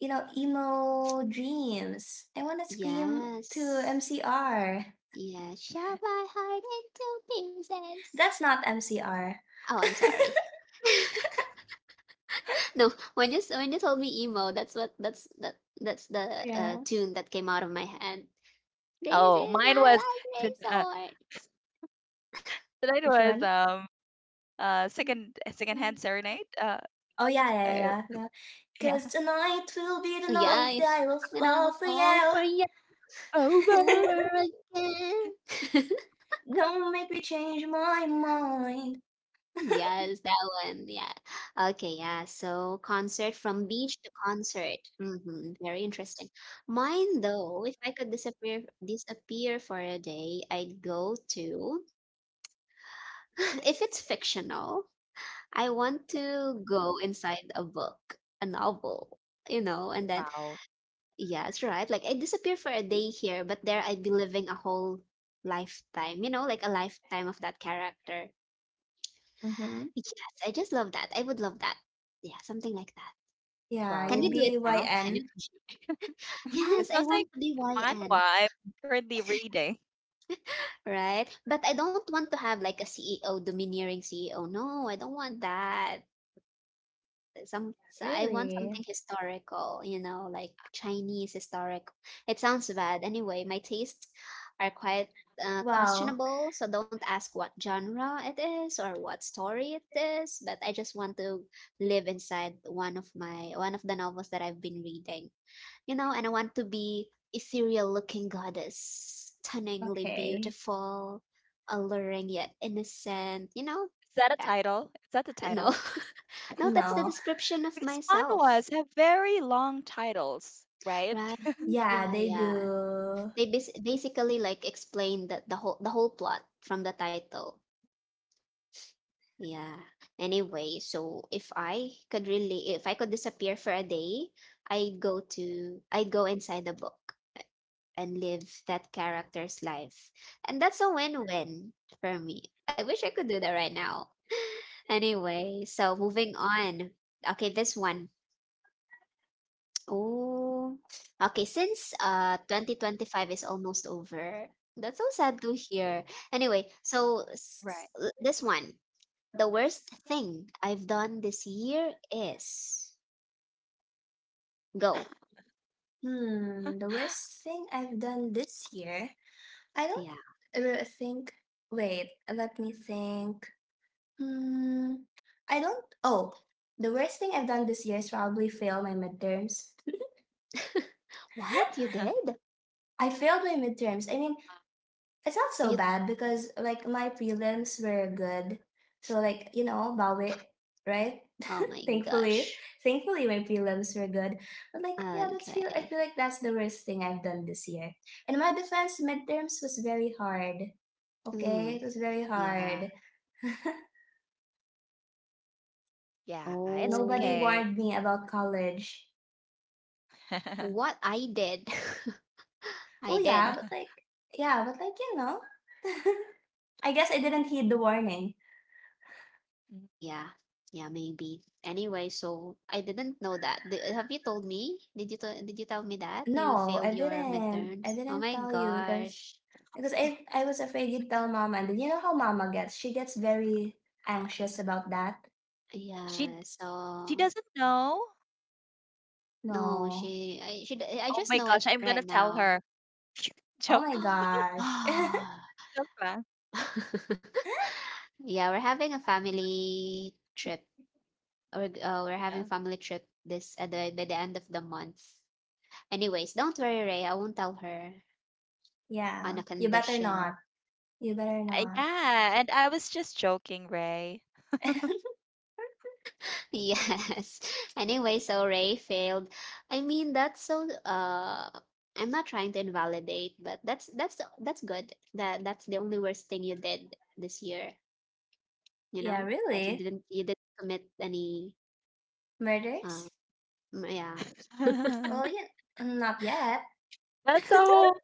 Speaker 3: emo dreams. I wanna scream to
Speaker 1: Yes.
Speaker 3: MCR.
Speaker 1: Yeah, shove my heart into pieces.
Speaker 3: That's not MCR.
Speaker 1: Oh, I'm sorry. (laughs) No, when you told me emo, that's the
Speaker 3: Yeah.
Speaker 1: tune that came out of my head. This
Speaker 2: Oh,
Speaker 1: is
Speaker 2: mine
Speaker 1: my
Speaker 2: was
Speaker 1: life
Speaker 2: to- uh,
Speaker 1: resort.
Speaker 2: tonight
Speaker 3: Which
Speaker 2: was
Speaker 3: one?
Speaker 2: second hand
Speaker 3: (laughs)
Speaker 2: serenade.
Speaker 3: Oh yeah, yeah,
Speaker 2: Uh
Speaker 3: yeah, yeah.
Speaker 2: yeah.
Speaker 3: Cause tonight will be the
Speaker 1: Oh, yeah,
Speaker 2: (laughs)
Speaker 3: night
Speaker 2: Walk.
Speaker 3: that I will
Speaker 1: when I
Speaker 3: fall
Speaker 1: will
Speaker 3: for
Speaker 1: fall
Speaker 3: you.
Speaker 1: for you
Speaker 2: Over.
Speaker 1: over again. (laughs)
Speaker 3: Don't make me change my mind.
Speaker 1: Yes, that one. Yeah. Okay. Yeah. So concert. From beach to concert. Hmm. Very interesting. Mine though, if I could disappear for a day, I'd go to. (laughs) If it's fictional, I want to go inside a book, a novel. You know, and then
Speaker 2: Wow.
Speaker 1: yes, right. Like I disappear for a day here, but there I'd be living a whole lifetime. You know, like a lifetime of that character.
Speaker 3: Mm-hmm.
Speaker 1: Yes, I just love that. I would love that. Yeah, something like that.
Speaker 3: Yeah,
Speaker 1: Can we
Speaker 3: you'd
Speaker 2: Wow.
Speaker 1: do it
Speaker 3: be
Speaker 1: now? Can you
Speaker 3: Y/N. (laughs)
Speaker 2: It
Speaker 1: Yes, I
Speaker 2: sounds like
Speaker 1: want to be
Speaker 2: the manhwa
Speaker 1: YN,
Speaker 2: I'm currently reading.
Speaker 1: right? But I don't want to have like a CEO, domineering CEO. No, I don't want that. Some So I want
Speaker 3: really?
Speaker 1: something historical, you know, like Chinese historic. It sounds bad. Anyway, my tastes are quite
Speaker 3: Wow.
Speaker 1: questionable, so don't ask what genre it is or what story it is, but I just want to live inside one of the novels that I've been reading. You know, and I want to be ethereal looking goddess, stunningly
Speaker 3: Okay.
Speaker 1: beautiful, alluring yet innocent, you know?
Speaker 2: Is that a
Speaker 1: Yeah.
Speaker 2: title? Is that the
Speaker 1: No.
Speaker 2: title?
Speaker 1: (laughs) No, that's the
Speaker 3: No.
Speaker 1: description of
Speaker 2: Because
Speaker 1: myself,
Speaker 2: manhwas have very long titles, right?
Speaker 1: right?
Speaker 2: (laughs)
Speaker 3: Yeah,
Speaker 1: Yeah,
Speaker 3: they
Speaker 1: yeah.
Speaker 3: do.
Speaker 1: They basically like explain the whole plot from the title. Yeah. Anyway, so if I could disappear for a day, I'd go inside the book and live that character's life. And that's a win-win for me. I wish I could do that right now. Anyway, so moving on. Okay, this one. Oh, okay. Since 2025 is almost over, that's so sad to hear. Anyway, so
Speaker 2: Right.
Speaker 1: this one, the worst thing I've done this year is go.
Speaker 3: Hmm. The worst thing I've done this year, I don't
Speaker 1: Yeah.
Speaker 3: think. Wait, let me think. Hmm. I don't. Oh, the worst thing I've done this year is probably fail my midterms. (laughs)
Speaker 1: (laughs) What you
Speaker 2: (laughs)
Speaker 1: did?
Speaker 3: I failed my midterms. I mean, it's not so
Speaker 1: You
Speaker 3: bad because like my prelims were good. So like, Bawi, right?
Speaker 1: Oh my
Speaker 3: Thankfully,
Speaker 1: gosh.
Speaker 3: thankfully, my prelims were good. But like, yeah, that's feel I
Speaker 1: Okay.
Speaker 3: feel like that's the worst thing I've done this year. In my defense, midterms was very hard. Okay,
Speaker 1: Mm,
Speaker 3: it was very
Speaker 1: yeah.
Speaker 3: hard. (laughs)
Speaker 2: Yeah, it's
Speaker 3: Nobody
Speaker 2: okay.
Speaker 1: Oh,
Speaker 3: warned me about college.
Speaker 2: (laughs)
Speaker 1: what I did. (laughs) I
Speaker 3: Well,
Speaker 1: did.
Speaker 3: yeah, but like, yeah, but like, you know, (laughs) I guess I didn't heed the warning.
Speaker 2: Mm.
Speaker 1: Yeah. Yeah, maybe. Anyway, so I didn't know that. Have you told me? Did you tell me that you
Speaker 3: No,
Speaker 1: failed
Speaker 3: I
Speaker 1: your
Speaker 3: didn't. I
Speaker 1: midterms? Oh
Speaker 3: didn't
Speaker 1: my
Speaker 3: tell you because
Speaker 1: gosh.
Speaker 3: because I was afraid you'd tell mama, and then you know how mama gets. She gets very anxious about that.
Speaker 2: She
Speaker 1: Yeah. So
Speaker 2: doesn't know.
Speaker 1: no,
Speaker 3: No.
Speaker 1: she I she d- I
Speaker 2: Oh
Speaker 1: just
Speaker 2: my
Speaker 1: know
Speaker 2: gosh,
Speaker 1: it
Speaker 2: I'm
Speaker 1: right
Speaker 2: gonna tell
Speaker 1: now.
Speaker 2: her. (laughs)
Speaker 3: Oh
Speaker 2: Joke.
Speaker 3: my
Speaker 1: (gasps)
Speaker 3: gosh.
Speaker 2: Diba?
Speaker 1: (laughs)
Speaker 3: (laughs)
Speaker 1: Yeah, we're having a family trip. We're
Speaker 2: Yeah.
Speaker 1: having family trip this at the by the end of the month. Anyways, don't worry, Ray. I won't tell her on
Speaker 3: yeah.
Speaker 1: a
Speaker 3: You better not.
Speaker 1: condition.
Speaker 3: You better not.
Speaker 2: Yeah, and I was just joking, Ray.
Speaker 3: (laughs)
Speaker 1: Yes. (laughs) Anyway, so Ray failed. I mean, that's so I'm not trying to invalidate, but that's good. That's the only worst thing you did this year, you
Speaker 3: yeah,
Speaker 1: know? Like
Speaker 3: really?
Speaker 1: you didn't commit any. um
Speaker 3: Murders?
Speaker 1: yeah.
Speaker 3: Well,
Speaker 2: (laughs)
Speaker 3: yeah, not yet.
Speaker 2: That's a
Speaker 1: Oh,
Speaker 2: whole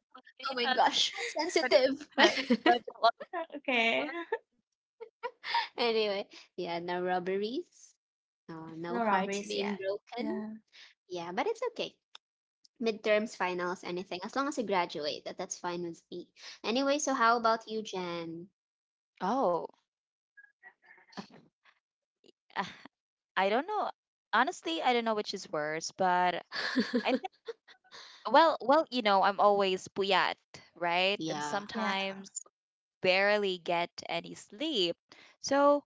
Speaker 1: oh my
Speaker 2: yeah, it's a
Speaker 1: gosh,
Speaker 2: whole different-
Speaker 1: sensitive. (laughs)
Speaker 2: (laughs) like a lot of
Speaker 3: Okay.
Speaker 2: work.
Speaker 3: (laughs)
Speaker 1: Anyway, yeah, no robberies. No
Speaker 3: No
Speaker 1: hearts
Speaker 3: robberies
Speaker 1: being
Speaker 3: yet.
Speaker 1: broken.
Speaker 3: Yeah.
Speaker 1: Yeah, but it's okay. Midterms, finals, anything. As long as you graduate, that's fine with me. Anyway, so how about you, Jen?
Speaker 2: Oh, uh, I don't know. Honestly, I don't know which is worse, but I
Speaker 1: (laughs)
Speaker 2: think well, well, you know, I'm always puyat, right? And
Speaker 1: Yeah.
Speaker 3: Yeah.
Speaker 2: sometimes barely get any sleep. So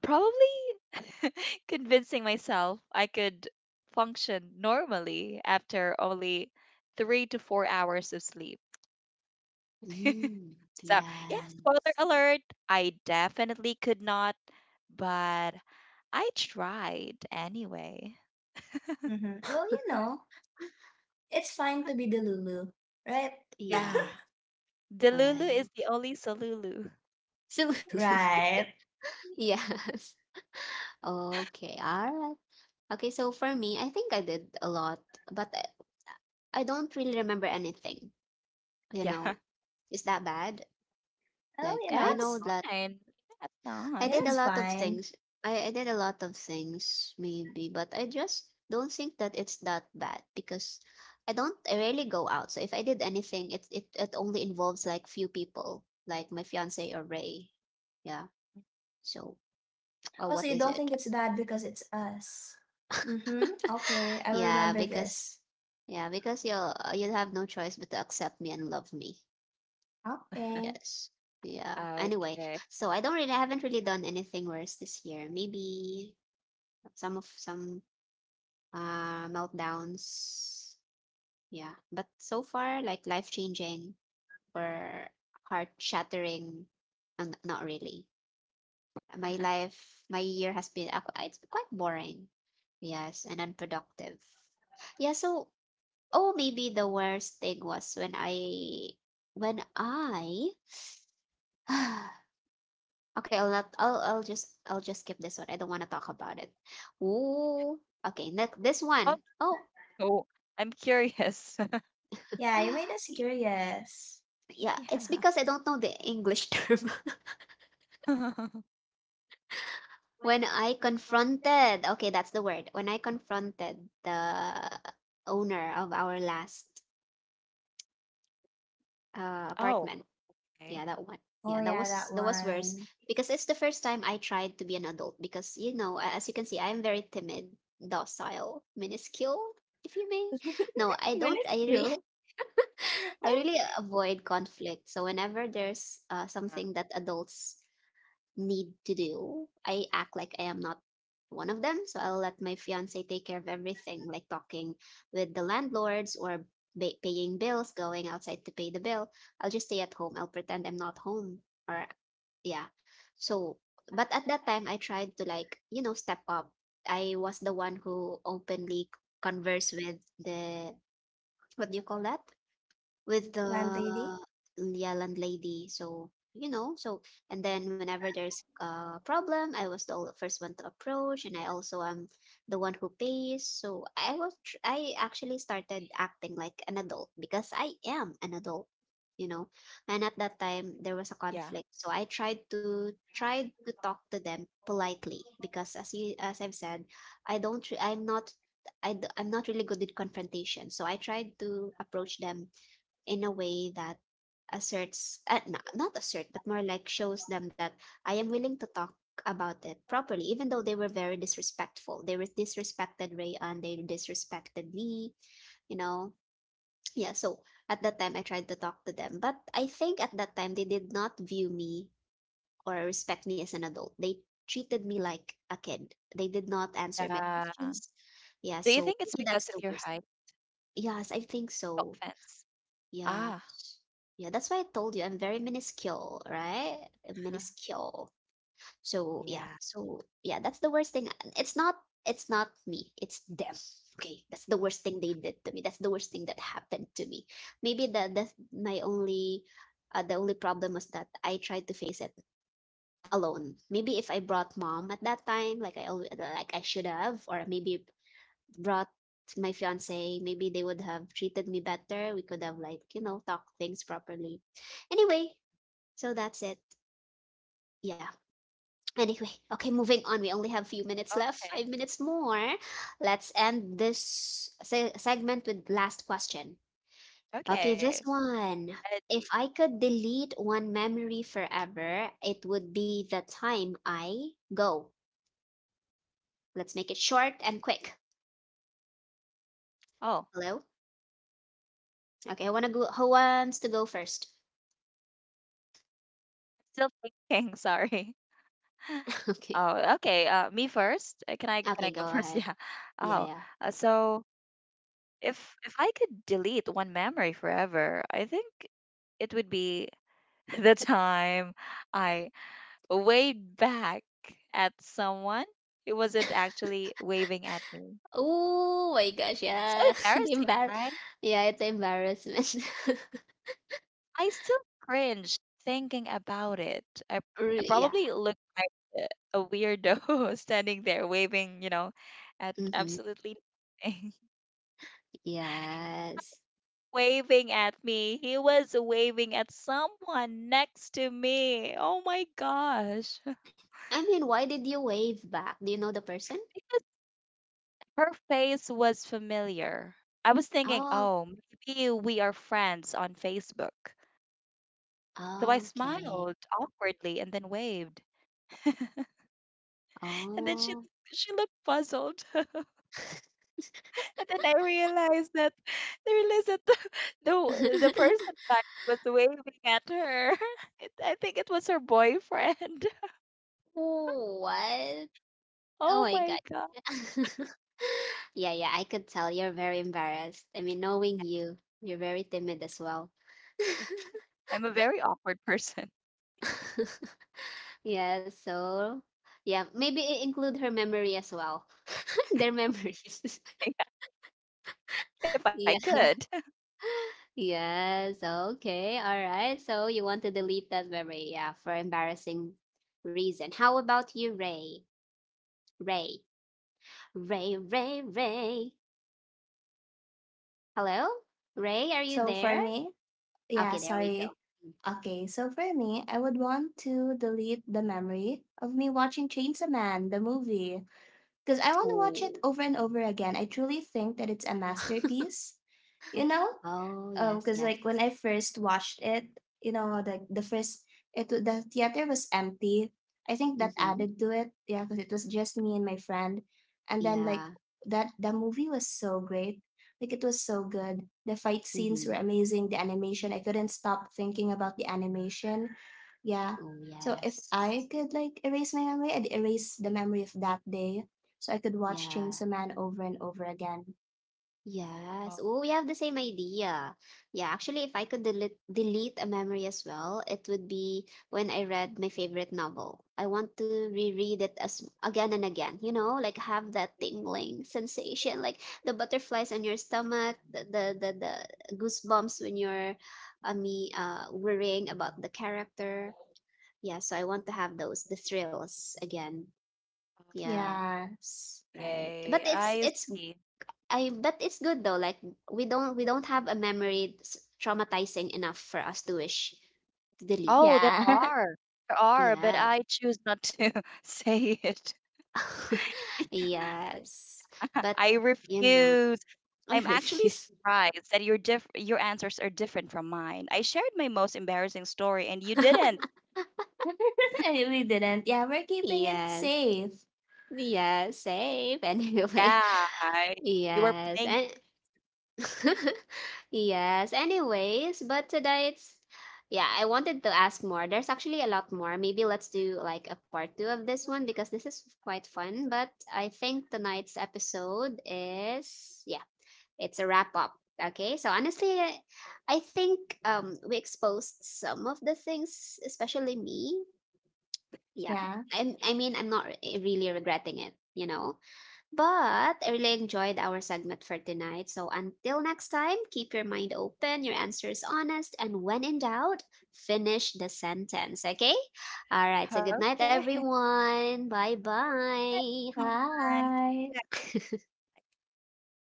Speaker 2: probably (laughs) convincing myself I could function normally after only 3 to 4 hours of sleep.
Speaker 1: Mm,
Speaker 2: So, yeah,
Speaker 1: yes.
Speaker 2: spoiler alert, I definitely could not, but I tried anyway.
Speaker 3: Mm-hmm. Well, it's fine to be the Lulu, right?
Speaker 2: Yeah.
Speaker 1: Yeah.
Speaker 2: Delulu
Speaker 1: Right.
Speaker 2: is the only Salulu.
Speaker 1: So,
Speaker 3: Right.
Speaker 1: (laughs) yes. Okay. All right. Okay. So for me, I think I did a lot, but I don't really remember anything. You
Speaker 2: Yeah. (laughs)
Speaker 1: know, is that bad?
Speaker 3: Well,
Speaker 1: Like,
Speaker 2: Yeah,
Speaker 1: I
Speaker 2: it's
Speaker 1: know
Speaker 3: it's
Speaker 1: that
Speaker 2: fine. Yeah, it's
Speaker 1: I
Speaker 2: not.
Speaker 3: yeah,
Speaker 1: did a
Speaker 3: that's
Speaker 2: (laughs)
Speaker 1: lot of
Speaker 3: fine.
Speaker 1: things. I did a lot of things, maybe, but I just don't think that it's that bad because I don't I rarely go out. So if I did anything, it only involves like few people, like my fiance or Ray. Yeah. So, oh,
Speaker 3: Also,
Speaker 1: what
Speaker 3: you
Speaker 1: is
Speaker 3: don't
Speaker 1: it?
Speaker 3: think it's bad because it's us. Mm-hmm.
Speaker 1: (laughs)
Speaker 3: Okay, I will
Speaker 1: yeah,
Speaker 3: remember
Speaker 1: because
Speaker 3: this.
Speaker 1: yeah, because you'll have no choice but to accept me and love me.
Speaker 3: Okay.
Speaker 1: Yes. Yeah. Anyway,
Speaker 2: Okay.
Speaker 1: so I haven't really done anything worse this year. Maybe some meltdowns. Yeah, but so far, like life changing or heart shattering, not really. My
Speaker 2: (laughs)
Speaker 1: life, my year has been it's been quite boring. Yes, and unproductive. Yeah, so oh, maybe the worst thing was when I (sighs) okay, I'll not I'll I'll just skip this one. I don't want to talk about it. Ooh, okay, next this
Speaker 2: Oh,
Speaker 1: one. Oh,
Speaker 2: no, I'm curious. (laughs)
Speaker 3: Yeah, you made us
Speaker 1: (gasps)
Speaker 3: curious.
Speaker 1: Yeah, it's
Speaker 2: Yeah.
Speaker 1: because I don't know the English (laughs) term.
Speaker 2: (laughs)
Speaker 1: When I confronted, okay, that's the word. When I confronted the owner of our last
Speaker 2: Oh,
Speaker 1: apartment, yeah,
Speaker 2: okay.
Speaker 1: that one. Yeah,
Speaker 3: Oh yeah, that
Speaker 1: that was worse
Speaker 3: one.
Speaker 1: because it's the first time I tried to be an adult because you know, as you can see, I'm very timid, docile, minuscule, if you may. No,
Speaker 3: (laughs)
Speaker 1: I
Speaker 3: Even
Speaker 1: don't.
Speaker 3: it's
Speaker 1: (laughs)
Speaker 3: you.
Speaker 1: I really avoid conflict. So whenever there's something that adults need to do. I act like I am not one of them. So I'll let my fiance take care of everything, like talking with the landlords or paying bills, going outside to pay the bill. I'll just stay at home. I'll pretend I'm not home. Or, yeah. So, but at that time, I tried to, like, you know, step up. I was the one who openly converse with the, what do you call that? With
Speaker 3: Plant lady. (laughs)
Speaker 1: the, yeah, landlady. So you know, so and then whenever there's a problem, I was the first one to approach, and I also am the one who pays. So I actually started acting like an adult because I am an adult, you know. And at that
Speaker 2: Yeah.
Speaker 1: time there was a conflict, so I tried to talk to them politely because as I've said, I don't re- I'm not really good at confrontation. So I tried to approach them in a way that asserts not, assert, but more like shows them that I am willing to talk about it properly, even though they were very disrespectful. They were disrespected Rayan. They disrespected me, you know. Yeah. So at that time I tried to talk to them, but I think at that time they did not view me or respect me as an adult. They treated me like a kid. They did not answer my
Speaker 2: Yeah.
Speaker 1: questions. Yeah,
Speaker 2: Do you
Speaker 1: so
Speaker 2: think it's
Speaker 1: maybe that's
Speaker 2: because of
Speaker 1: the
Speaker 2: your
Speaker 1: worst.
Speaker 2: height?
Speaker 1: Yes, I think
Speaker 2: No
Speaker 1: so.
Speaker 2: offense. Ah,
Speaker 1: Yes. Yeah, that's why I told you I'm very minuscule, right?
Speaker 2: (laughs)
Speaker 1: Minuscule. So yeah,
Speaker 2: yeah.
Speaker 1: so yeah, that's the worst thing. It's not, it's not me, it's them. Okay, that's the worst thing they did to me. That's the worst thing that happened to me. Maybe that's my only the only problem was that I tried to face it alone. Maybe if I brought mom at that time, like I always like I should have, or maybe brought my fiance, maybe they would have treated me better. We could have like, you know, talked things properly. Anyway, so that's it. Yeah. Anyway, okay, moving on. We only have few minutes left, five
Speaker 2: Okay.
Speaker 1: minutes more. Let's end this segment with last question. Okay, this
Speaker 2: Okay.
Speaker 1: one. If I
Speaker 2: Ready.
Speaker 1: could delete one memory forever, it would be the time I go. Let's make it short and quick.
Speaker 2: Oh,
Speaker 1: Hello? Okay, I want to go. Who wants to go first?
Speaker 2: still thinking. (laughs) Sorry.
Speaker 1: (laughs)
Speaker 2: Oh,
Speaker 1: Okay.
Speaker 2: okay. Me first. Can I go
Speaker 1: Okay,
Speaker 2: first? (laughs)
Speaker 1: go
Speaker 2: Yeah.
Speaker 1: ahead.
Speaker 2: Oh,
Speaker 1: Yeah, yeah.
Speaker 2: so if I could delete one memory forever, I think it would be (laughs) the time I waved back at someone who wasn't actually waving at me.
Speaker 1: Oh my gosh,
Speaker 2: So
Speaker 1: yeah. (laughs)
Speaker 2: embarrassing, right?
Speaker 1: Yeah, it's embarrassment. (laughs)
Speaker 2: I still cringe thinking about it. I
Speaker 1: Yeah.
Speaker 2: probably look like a weirdo (laughs) standing there waving, you know, at
Speaker 1: Mm-hmm.
Speaker 2: absolutely nothing.
Speaker 1: Yes.
Speaker 2: (laughs) Waving at me. He was waving at someone next to me. Oh my gosh. (laughs)
Speaker 1: I mean, why did you wave back? Do you know the person?
Speaker 2: Because her face was familiar. I was thinking,
Speaker 1: Oh,
Speaker 2: oh, maybe we are friends on Facebook. So I
Speaker 1: okay.
Speaker 2: smiled awkwardly and then waved. (laughs) And then
Speaker 1: Oh.
Speaker 2: she looked puzzled. (laughs) And then I realized that (laughs) the the person
Speaker 1: (laughs)
Speaker 2: like was waving at her. (laughs) It, I think it was her boyfriend. (laughs)
Speaker 1: Oh, what? Oh
Speaker 2: Oh
Speaker 1: my God.
Speaker 2: my god.
Speaker 1: (laughs) Yeah, yeah, I could tell you're very embarrassed. I mean, knowing you, you're very timid as well.
Speaker 2: Yeah, I'm a very awkward person.
Speaker 1: (laughs) Yeah, so yeah, maybe include her memory as well. (laughs) Their memories.
Speaker 2: (laughs)
Speaker 1: (laughs)
Speaker 2: If I
Speaker 1: Yeah.
Speaker 2: could.
Speaker 1: Yes. Okay. All right. So you want to delete that memory, yeah, for embarrassing reason. How about you, Ray? Ray. Ray, Ray, Ray. Hello? Ray, are you
Speaker 3: So for
Speaker 1: there?
Speaker 3: me, yeah,
Speaker 1: Okay, there we go.
Speaker 3: sorry.
Speaker 1: Mm. (laughs)
Speaker 3: Okay, so for me, I would want to delete the memory of me watching Chainsaw Man, the movie, because I want to watch it
Speaker 1: Oh.
Speaker 3: over and over again. I truly think that it's a masterpiece, you know?
Speaker 2: Mhm.
Speaker 1: Oh,
Speaker 3: Oh,
Speaker 1: yes,
Speaker 3: because
Speaker 1: yes.
Speaker 3: like when I first watched it, you know, like the first it w- the theater was empty. I think that
Speaker 1: Mm-hmm.
Speaker 3: added to it, yeah, because it was just me and my friend. And then like
Speaker 1: Yeah.
Speaker 3: that, the movie was so great. Like, it was so good. The fight scenes
Speaker 1: Mm-hmm.
Speaker 3: were amazing. The animation, I couldn't stop thinking about the animation. Yeah.
Speaker 1: Oh,
Speaker 3: So if
Speaker 1: yes.
Speaker 3: I could like erase my memory, I'd erase the memory of that day. So I could watch
Speaker 1: Yeah.
Speaker 3: Chainsaw Man over and over again.
Speaker 1: Yes.
Speaker 2: Oh,
Speaker 1: Oh, we have the same idea. Yeah, actually, if I could delete a memory as well, it would be when I read my favorite novel. I want to reread it as again and again, you know, like have that tingling sensation, like the butterflies on your stomach, the goosebumps when you're me worrying about the character. Yeah, so I want to have those, the thrills again. Yeah,
Speaker 3: Yes.
Speaker 1: right. But
Speaker 2: okay, I
Speaker 1: it's
Speaker 2: see.
Speaker 1: I but it's good though. Like we don't have a memory that's traumatizing enough for us to wish to delete.
Speaker 2: Oh, there
Speaker 3: Yeah. (laughs)
Speaker 2: are. There are, but
Speaker 1: Yes.
Speaker 2: I choose not to (laughs) say it.
Speaker 1: (laughs) Yes.
Speaker 2: (laughs)
Speaker 1: But
Speaker 2: I
Speaker 1: you know,
Speaker 2: refuse.
Speaker 1: I
Speaker 2: I'm actually
Speaker 1: refuse.
Speaker 2: surprised that your diff- your answers are different from mine. I shared my most embarrassing story and you didn't.
Speaker 3: (laughs) I really didn't. Yeah, we're
Speaker 1: (laughs)
Speaker 3: keeping it
Speaker 1: Yes.
Speaker 3: safe.
Speaker 1: Yes. Safe. (laughs) Anyway.
Speaker 2: Yeah, I, you were
Speaker 1: Yes.
Speaker 2: playing.
Speaker 1: And (laughs) yes. Anyways, but today it's, yeah, I wanted to ask more. There's actually a lot more. Maybe let's do like a part 2 of this one because this is quite fun, but I think tonight's episode is, yeah, it's a wrap up. Okay? So honestly, I think we exposed some of the things, especially me. Yeah.
Speaker 3: Yeah.
Speaker 1: I mean, I'm not really regretting it, you know. But I really enjoyed our segment for tonight. So until next time, keep your mind open, your answers honest, and when in doubt, finish the sentence, okay? All right, so good night,
Speaker 2: Okay.
Speaker 1: everyone. Bye
Speaker 2: (laughs) Come
Speaker 1: bye.
Speaker 2: on.
Speaker 3: Bye. (laughs)